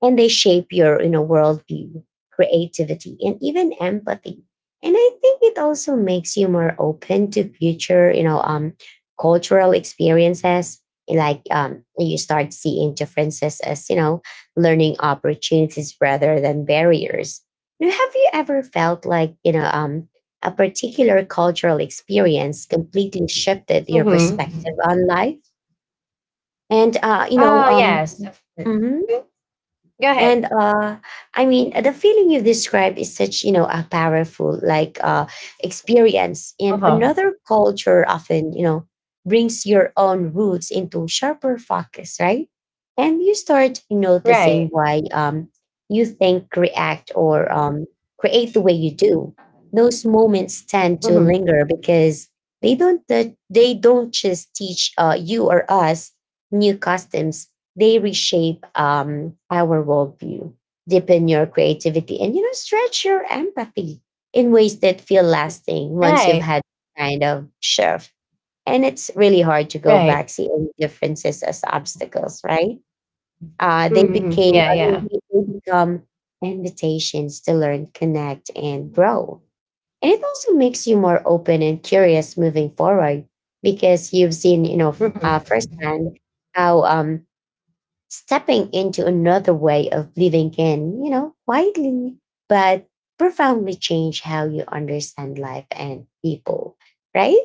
[SPEAKER 1] and they shape your you know worldview, creativity, and even empathy. And I think it also makes you more open to future you know um cultural experiences. like um you start seeing differences as you know learning opportunities rather than barriers. Now, have you ever felt like you know um a particular cultural experience completely shifted your
[SPEAKER 2] Mm-hmm.
[SPEAKER 1] perspective on life and uh you know
[SPEAKER 2] Oh
[SPEAKER 1] um
[SPEAKER 2] yes.
[SPEAKER 1] mhm.
[SPEAKER 2] Go ahead.
[SPEAKER 1] And uh, I mean, the feeling you describe is such, you know, a powerful like uh, experience.
[SPEAKER 2] Uh
[SPEAKER 1] And
[SPEAKER 2] huh.
[SPEAKER 1] another culture often, you know, brings your own roots into sharper focus, right? And you start noticing
[SPEAKER 2] Right.
[SPEAKER 1] why um, you think, react, or um, create the way you do. Those moments tend to
[SPEAKER 2] Mm-hmm.
[SPEAKER 1] linger because they don't they don't just teach uh, you or us new customs. They reshape um, our worldview, deepen your creativity, and, you know, stretch your empathy in ways that feel lasting once you've
[SPEAKER 2] Right.
[SPEAKER 1] had kind of shift. And it's really hard to go
[SPEAKER 2] Right.
[SPEAKER 1] back seeing differences as obstacles, right? Uh, they
[SPEAKER 2] Mm-hmm.
[SPEAKER 1] became,
[SPEAKER 2] Yeah.
[SPEAKER 1] I
[SPEAKER 2] Yeah.
[SPEAKER 1] mean, they they become invitations to learn, connect, and grow. And it also makes you more open and curious moving forward because you've seen, you know, f- uh,
[SPEAKER 2] Mm-hmm.
[SPEAKER 1] firsthand how um, stepping into another way of living can, you know, widely but profoundly change how you understand life and people, right?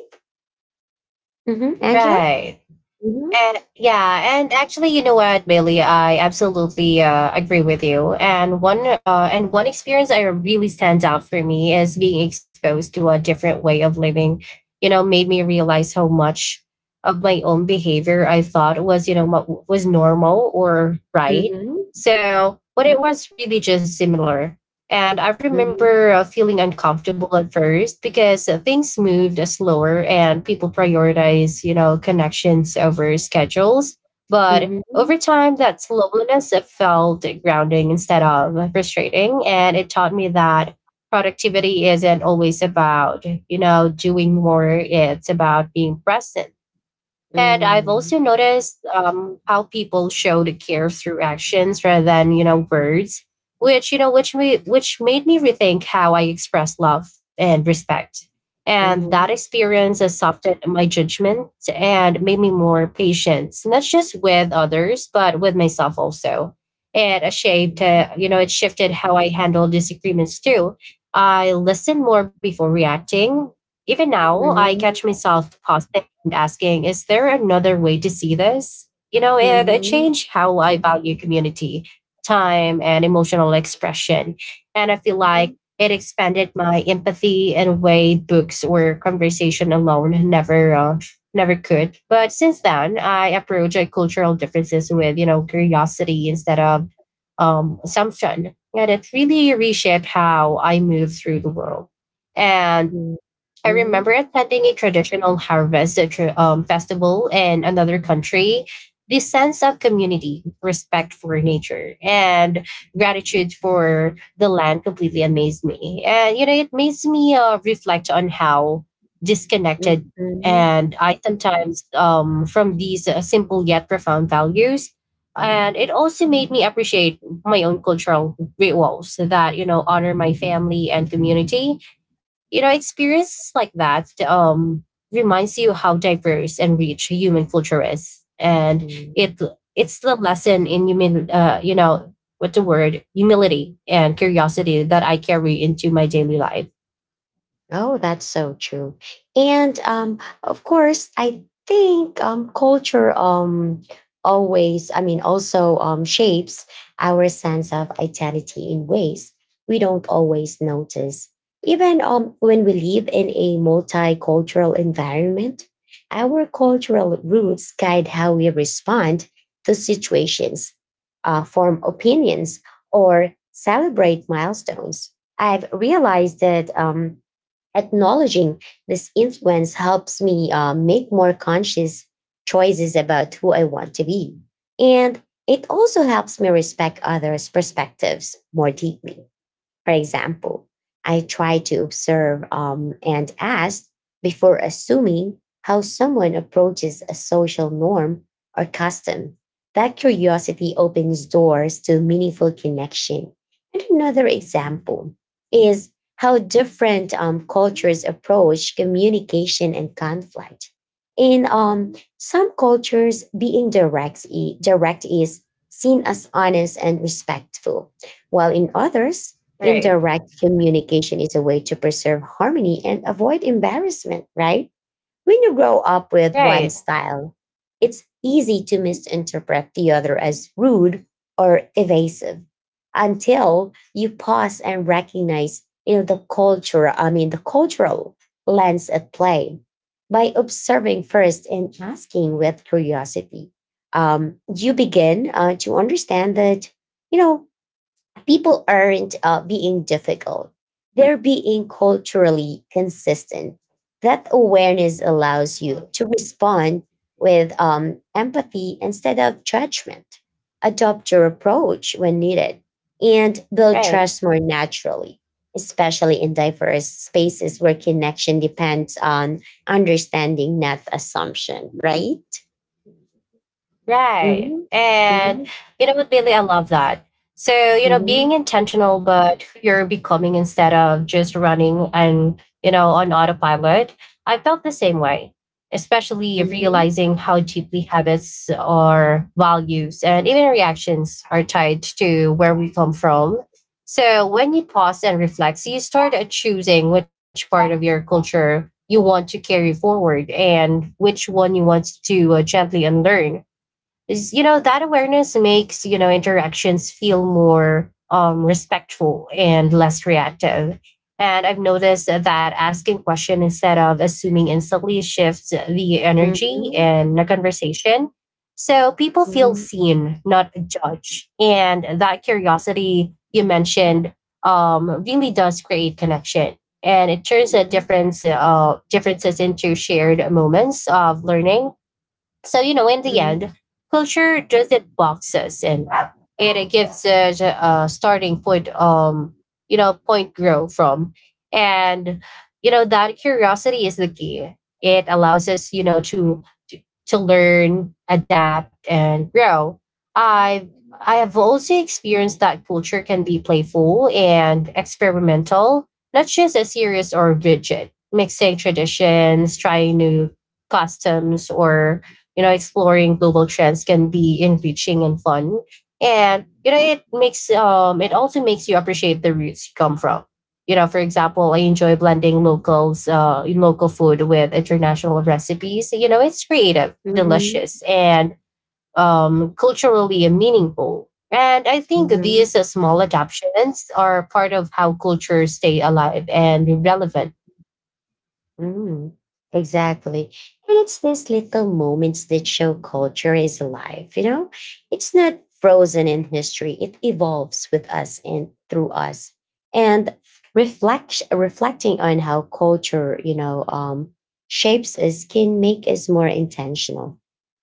[SPEAKER 1] hmm Angela?
[SPEAKER 2] Right.
[SPEAKER 1] Hmm
[SPEAKER 2] And yeah, and actually, you know what, Bailey, I absolutely uh, agree with you. And one uh, and one experience that really stands out for me is being exposed to a different way of living. You know, made me realize how much of my own behavior I thought was, you know, what was normal or right.
[SPEAKER 1] hmm
[SPEAKER 2] So, but it was really just similar. And I
[SPEAKER 1] hmm
[SPEAKER 2] remember uh, feeling uncomfortable at first because uh, things moved slower and people prioritize, you know, connections over schedules. But
[SPEAKER 1] hmm
[SPEAKER 2] over time, that slowness it felt grounding instead of frustrating. And it taught me that productivity isn't always about, you know, doing more, it's about being present. And I've
[SPEAKER 1] hmm
[SPEAKER 2] also noticed um, how people show the care through actions rather than you know words, which you know which me which made me rethink how I express love and respect. And that
[SPEAKER 1] hmm
[SPEAKER 2] experience has softened my judgment and made me more patient, not just with others but with myself also. And it shaped, uh, you know, it shifted how I handle disagreements too. I listen more before reacting. Even now, I
[SPEAKER 1] hmm
[SPEAKER 2] catch myself pausing and asking, is there another way to see this? You know, it
[SPEAKER 1] hmm
[SPEAKER 2] changed how I value community, time, and emotional expression. And I feel like it expanded my empathy in a way books or conversation alone never uh, never could. But since then, I approach uh, cultural differences with you know curiosity instead of um, assumption, and it really reshaped how I move through the world. And
[SPEAKER 1] hmm
[SPEAKER 2] I remember attending a traditional harvest tr- um, festival in another country. This sense of community, respect for nature, and gratitude for the land completely amazed me. And, you know, it makes me uh, reflect on how disconnected
[SPEAKER 1] hmm
[SPEAKER 2] and I sometimes um, from these uh, simple yet profound values. And it also made me appreciate my own cultural rituals that, you know, honor my family and community. You know experiences like that um reminds you how diverse and rich human culture is. And
[SPEAKER 1] hmm
[SPEAKER 2] it it's the lesson in human uh you know what the word humility and curiosity that I carry into my daily life.
[SPEAKER 1] Oh, that's so true. And um, of course, I think um, culture um, always, I mean, also um, shapes our sense of identity in ways we don't always notice. Even um, when we live in a multicultural environment, our cultural roots guide how we respond to situations, uh, form opinions, or celebrate milestones. I've realized that um, acknowledging this influence helps me uh, make more conscious choices about who I want to be. And it also helps me respect others' perspectives more deeply. For example, I try to observe um, and ask before assuming how someone approaches a social norm or custom. That curiosity opens doors to meaningful connection. And another example is how different um, cultures approach communication and conflict. In um, some cultures, being direct, i- direct is seen as honest and respectful, while in others, indirect communication is a way to preserve harmony and avoid embarrassment, right? When you grow up with one
[SPEAKER 2] Right.
[SPEAKER 1] style, it's easy to misinterpret the other as rude or evasive until you pause and recognize, you know, the culture, I mean, the cultural lens at play by observing first and asking with curiosity. Um, you begin uh, to understand that, you know, people aren't uh, being difficult. They're being culturally consistent. That awareness allows
[SPEAKER 2] Mm,
[SPEAKER 1] you to respond with um, empathy instead of judgment, adopt your approach when needed, and build
[SPEAKER 2] right.
[SPEAKER 1] trust more naturally, especially in diverse spaces where connection depends on understanding, not assumption, right?
[SPEAKER 2] Right.
[SPEAKER 1] Mhm,
[SPEAKER 2] And,
[SPEAKER 1] mhm,
[SPEAKER 2] you know what, Bailey? I love that. So, you know, being
[SPEAKER 1] mhm,
[SPEAKER 2] intentional, but who you're becoming instead of just running and, you know, on autopilot. I felt the same way, especially
[SPEAKER 1] mhm,
[SPEAKER 2] realizing how deeply habits or values and even reactions are tied to where we come from. So, when you pause and reflect, you start uh, choosing which part of your culture you want to carry forward and which one you want to uh, gently unlearn. Is you know That awareness makes you know interactions feel more um, respectful and less reactive. And I've noticed that asking question instead of assuming instantly shifts the energy
[SPEAKER 1] mhm,
[SPEAKER 2] in a conversation, so people
[SPEAKER 1] mhm,
[SPEAKER 2] feel
[SPEAKER 1] mhm,
[SPEAKER 2] seen not judged. And that curiosity you mentioned um, really does create connection, and it turns the
[SPEAKER 1] mhm.
[SPEAKER 2] difference uh, differences into shared moments of learning. So, you know, in the
[SPEAKER 1] Mhm.
[SPEAKER 2] end, culture doesn't box us in. And it uh, gives us a starting point, um, you know, point grow from. And, you know, that curiosity is the key. It allows us, you know, to to, to learn, adapt, and grow. I've I have also experienced that culture can be playful and experimental, not just as serious or rigid. Mixing traditions, trying new customs, or you know, exploring global trends can be enriching and fun. And, you know, it makes, um, it also makes you appreciate the roots you come from. You know, for example, I enjoy blending locals, uh, local food with international recipes. You know, it's creative,
[SPEAKER 1] Mhm.
[SPEAKER 2] delicious, and um, culturally meaningful. And I think
[SPEAKER 1] Mhm.
[SPEAKER 2] these uh, small adaptations are part of how cultures stay alive and relevant.
[SPEAKER 1] Mm, exactly. And it's these little moments that show culture is alive, you know? It's not frozen in history. It evolves with us and through us. And reflect reflecting on how culture, you know, um, shapes us can make us more intentional,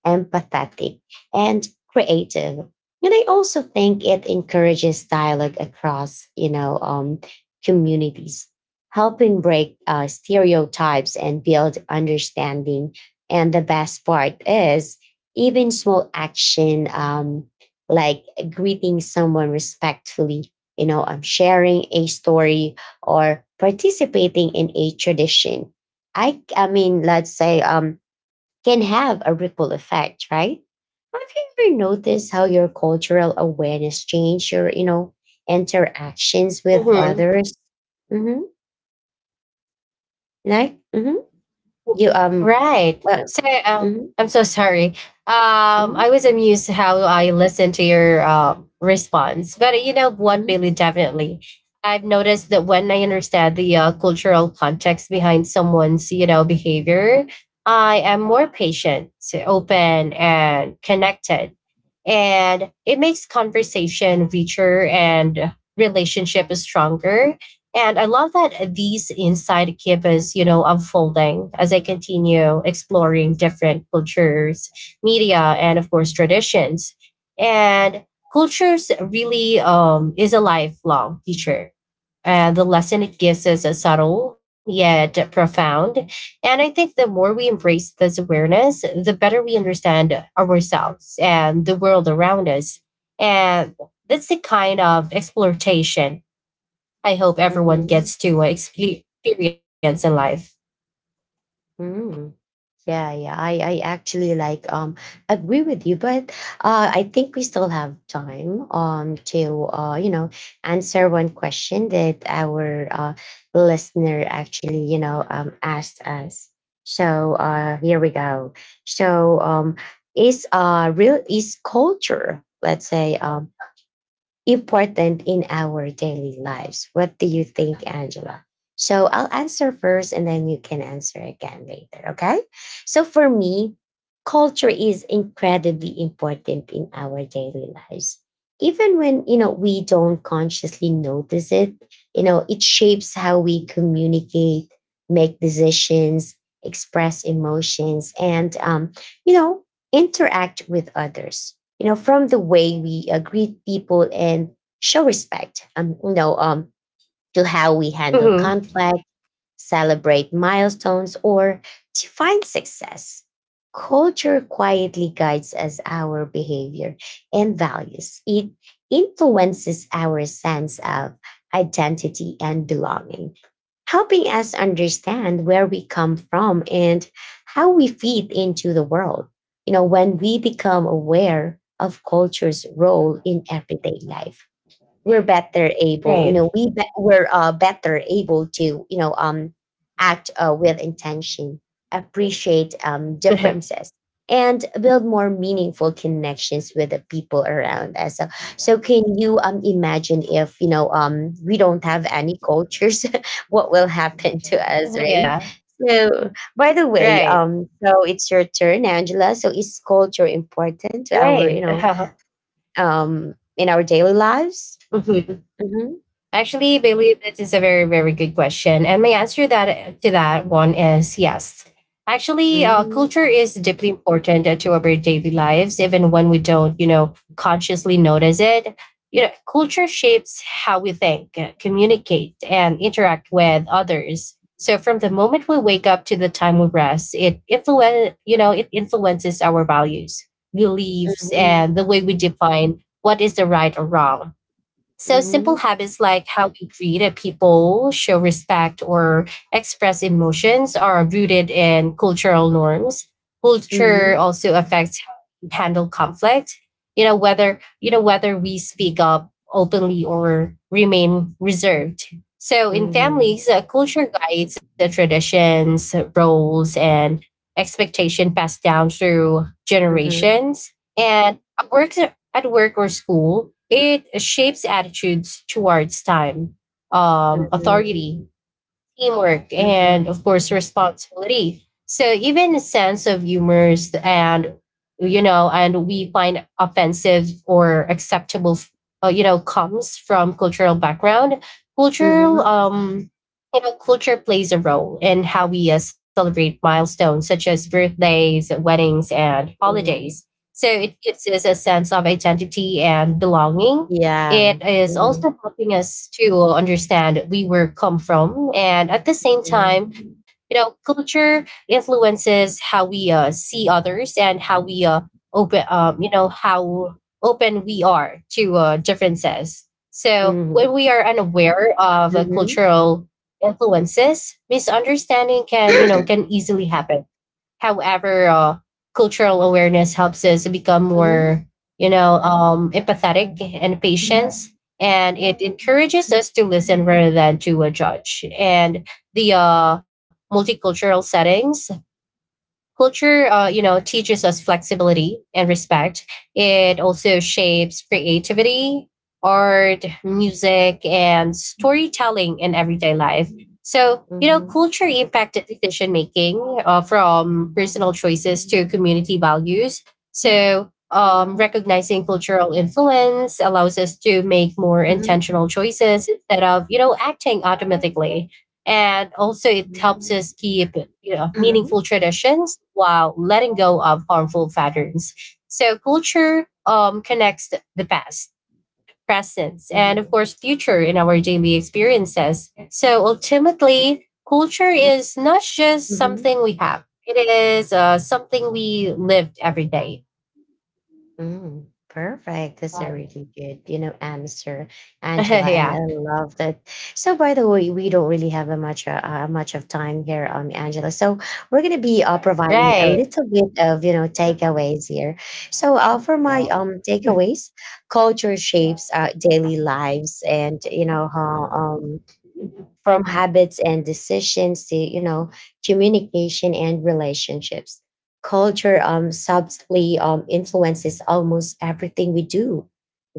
[SPEAKER 1] empathetic, and creative. And I also think it encourages dialogue across, you know, um, communities, helping break uh, stereotypes and build understanding. And the best part is, even small action um, like greeting someone respectfully, you know, um, sharing a story or participating in a tradition. I, I mean, let's say, um, can have a ripple effect, right? Have you ever noticed how your cultural awareness change your, you know, interactions with
[SPEAKER 2] Mm-hmm.
[SPEAKER 1] others? Mm-hmm. Like mhm. You, um
[SPEAKER 2] Right.
[SPEAKER 1] Well,
[SPEAKER 2] So uh,
[SPEAKER 1] mhm,
[SPEAKER 2] I'm so sorry. Um,
[SPEAKER 1] mhm,
[SPEAKER 2] I was amused how I listened to your uh, response, but you know what,
[SPEAKER 1] mhm,
[SPEAKER 2] Bailey? Definitely, I've noticed that when I understand the uh, cultural context behind someone's you know behavior, I am more patient, open, and connected, and it makes conversation richer and relationship stronger. And I love that these insight keep us, you know, unfolding as I continue exploring different cultures, media, and of course traditions. And cultures really um, is a lifelong teacher. Uh, the lesson it gives is a subtle yet profound. And I think the more we embrace this awareness, the better we understand ourselves and the world around us. And that's the kind of exploration I hope everyone
[SPEAKER 1] mhm,
[SPEAKER 2] gets to expe- experience in life.
[SPEAKER 1] mhm. Yeah, yeah. I I actually like um agree with you, but uh I think we still have time um to uh you know answer one question that our uh listener actually, you know, um asked us. So uh here we go. So um is uh real is culture, let's say, um important in our daily lives. What do you think, Angela? So I'll answer first and then you can answer again later, okay? So for me, culture is incredibly important in our daily lives. Even when, you know, we don't consciously notice it, you know, it shapes how we communicate, make decisions, express emotions, and, um, you know, interact with others. You know, from the way we uh, greet people and show respect, um, you know, um, to how we handle
[SPEAKER 2] Mhm.
[SPEAKER 1] conflict, celebrate milestones, or define success. Culture quietly guides us our behavior and values. It influences our sense of identity and belonging, helping us understand where we come from and how we fit into the world. You know, when we become aware of culture's role in everyday life, we're better able you
[SPEAKER 2] Right.
[SPEAKER 1] know we be- we're uh, better able to you know um act uh, with intention, appreciate um differences, and build more meaningful connections with the people around us. So, so can you um imagine if you know um we don't have any cultures what will happen to us, right?
[SPEAKER 2] Yeah.
[SPEAKER 1] So, by the way,
[SPEAKER 2] Right.
[SPEAKER 1] um so it's your turn, Angela. So is culture important to our,
[SPEAKER 2] Right.
[SPEAKER 1] you know, um in our daily lives? Mm-hmm.
[SPEAKER 2] Actually, Bailey, that is a very, very good question. And my answer that to that one is yes. Actually, uh,
[SPEAKER 1] Mhm,
[SPEAKER 2] culture is deeply important uh, to our daily lives, even when we don't, you know, consciously notice it. You know, culture shapes how we think, uh, communicate, and interact with others. So from the moment we wake up to the time we rest, it influen- you know, it influences our values, beliefs,
[SPEAKER 1] mhm,
[SPEAKER 2] and the way we define what is the right or wrong. So simple
[SPEAKER 1] mhm,
[SPEAKER 2] habits like how we greet at people, show respect, or express emotions are rooted in cultural norms. Culture
[SPEAKER 1] mhm,
[SPEAKER 2] also affects how we handle conflict. You know whether you know whether we speak up openly or remain reserved. So in
[SPEAKER 1] mhm,
[SPEAKER 2] families, uh, culture guides uh, traditions, uh, roles, and expectation passed down through
[SPEAKER 1] mhm,
[SPEAKER 2] generations. And at work at work or school, it shapes attitudes towards time, um,
[SPEAKER 1] mhm,
[SPEAKER 2] authority, teamwork, and
[SPEAKER 1] mhm,
[SPEAKER 2] of course, responsibility. So even a sense of humor is- and you know, and we find offensive or acceptable, uh, you know, comes from cultural background. Cultural,
[SPEAKER 1] mhm,
[SPEAKER 2] um, you know, culture plays a role in how we uh, celebrate milestones such as birthdays, weddings, and holidays.
[SPEAKER 1] mhm.
[SPEAKER 2] So it gives us a sense of identity and belonging.
[SPEAKER 1] Yeah.
[SPEAKER 2] It is
[SPEAKER 1] Mhm,
[SPEAKER 2] also helping us to understand we where come from, and at the same time,
[SPEAKER 1] mhm,
[SPEAKER 2] you know, culture influences how we uh, see others and how we uh, open, um, you know, how open we are to uh, differences. So when
[SPEAKER 1] mhm,
[SPEAKER 2] we are unaware of uh,
[SPEAKER 1] mhm.
[SPEAKER 2] cultural influences, misunderstanding can, you know, can easily happen. However, uh, cultural awareness helps us become more, you know, um, empathetic and patience,
[SPEAKER 1] Mhm.
[SPEAKER 2] and it encourages us to listen rather than to uh, judge. And the uh, multicultural settings culture uh, you know teaches us flexibility and respect. It also shapes creativity, art, music, and storytelling in everyday life. So you know
[SPEAKER 1] Mhm,
[SPEAKER 2] culture impacted decision making uh, from personal choices to community values. So um,
[SPEAKER 1] mhm,
[SPEAKER 2] recognizing cultural influence allows us to make more
[SPEAKER 1] mhm,
[SPEAKER 2] intentional choices instead of you know acting automatically. And also it helps
[SPEAKER 1] mhm.
[SPEAKER 2] us keep you know
[SPEAKER 1] Mhm,
[SPEAKER 2] meaningful traditions while letting go of harmful patterns. So culture um, connects the past, presence, and of course future in our daily experiences. So ultimately culture is not just
[SPEAKER 1] mhm, mhm.
[SPEAKER 2] something we have, it is uh, something we lived every day.
[SPEAKER 1] Mm, perfect. That's a really good, you know, answer, Angela, and
[SPEAKER 2] Yeah,
[SPEAKER 1] I love that. So, by the way, we don't really have a much uh, uh, much of time here, um, Angela. So, we're gonna be uh, providing a
[SPEAKER 2] right.
[SPEAKER 1] little bit of, you know, takeaways here. So, uh, for my um takeaways, culture shapes uh, daily lives, and you know how, um, from habits and decisions to, you know, communication and relationships, culture um subtly um influences almost everything we do.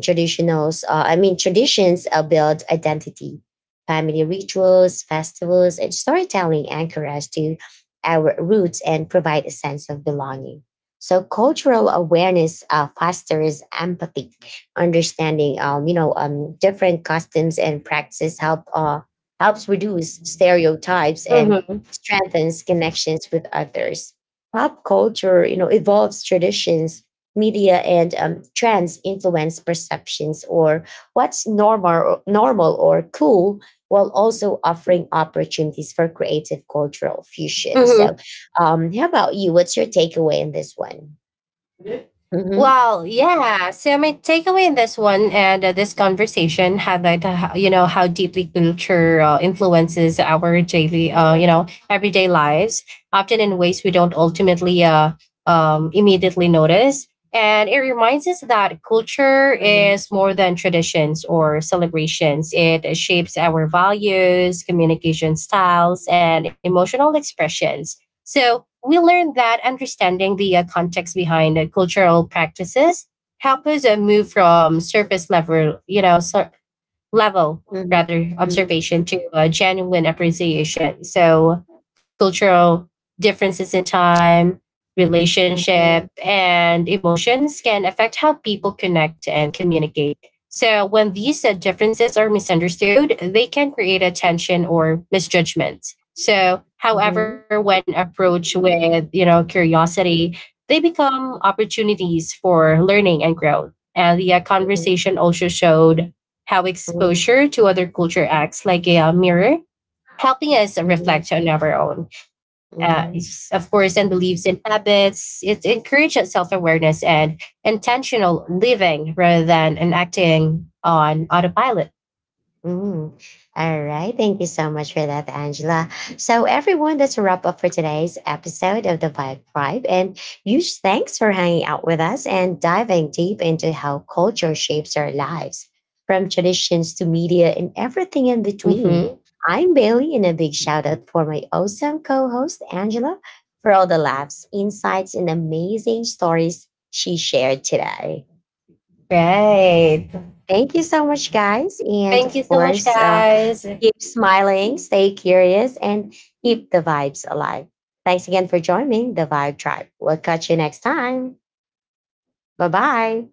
[SPEAKER 1] Traditionals uh, i mean traditions uh, build identity. Family rituals, festivals, and storytelling anchor us to our roots and provide a sense of belonging. So cultural awareness uh, fosters empathy, understanding. Um, you know um, different customs and practices help uh, helps reduce stereotypes and
[SPEAKER 2] Mhm.
[SPEAKER 1] strengthens connections with others. Pop culture, you know, evolves traditions, media, and, um, trends influence perceptions or what's normal, normal or cool, while also offering opportunities for creative cultural fusion. So,
[SPEAKER 2] Mhm.
[SPEAKER 1] um, how about you? What's your takeaway in this one? Hmm
[SPEAKER 2] Well, yeah. So my takeaway in this one and uh, this conversation highlight, uh, how- you know, how deeply culture uh, influences our daily, uh, you know, everyday lives, often in ways we don't ultimately, uh, um, immediately notice. And it reminds us that culture
[SPEAKER 1] hmm
[SPEAKER 2] is more than traditions or celebrations. It shapes our values, communication styles, and emotional expressions. So we learned that understanding the uh, context behind uh, cultural practices help us uh, move from surface level, you know, sur- level
[SPEAKER 1] hmm
[SPEAKER 2] rather
[SPEAKER 1] hmm
[SPEAKER 2] observation to a genuine appreciation. So cultural differences in time,
[SPEAKER 1] hmm
[SPEAKER 2] relationship, and emotions can affect how people connect and communicate. So when these uh, differences are misunderstood, they can create a tension or misjudgment. So however,
[SPEAKER 1] hmm
[SPEAKER 2] when approached with, you know, curiosity, they become opportunities for learning and growth. And the uh, conversation also showed how
[SPEAKER 1] hmm
[SPEAKER 2] exposure to other culture acts like a uh, mirror, helping us
[SPEAKER 1] hmm
[SPEAKER 2] reflect on our own. Uh,
[SPEAKER 1] hmm
[SPEAKER 2] it's- of course, and beliefs and habits. It encourages self awareness and intentional living rather than an acting on autopilot.
[SPEAKER 1] Mm. All right. Thank you so much for that, Angela. So, everyone, that's a wrap up for today's episode of the Vibe Tribe. And huge thanks for hanging out with us and diving deep into how culture shapes our lives, from traditions to media and everything in between.
[SPEAKER 2] Hmm.
[SPEAKER 1] I'm Bailey, and a big shout out for my awesome co host, Angela, for all the laughs, insights, and amazing stories she shared today.
[SPEAKER 2] Right.
[SPEAKER 1] Thank you so much, guys. And
[SPEAKER 2] Thank
[SPEAKER 1] of
[SPEAKER 2] you so much,
[SPEAKER 1] course, uh,
[SPEAKER 2] guys.
[SPEAKER 1] keep smiling, stay curious, and keep the vibes alive. Thanks again for joining the Vibe Tribe. We'll catch you next time. Bye bye.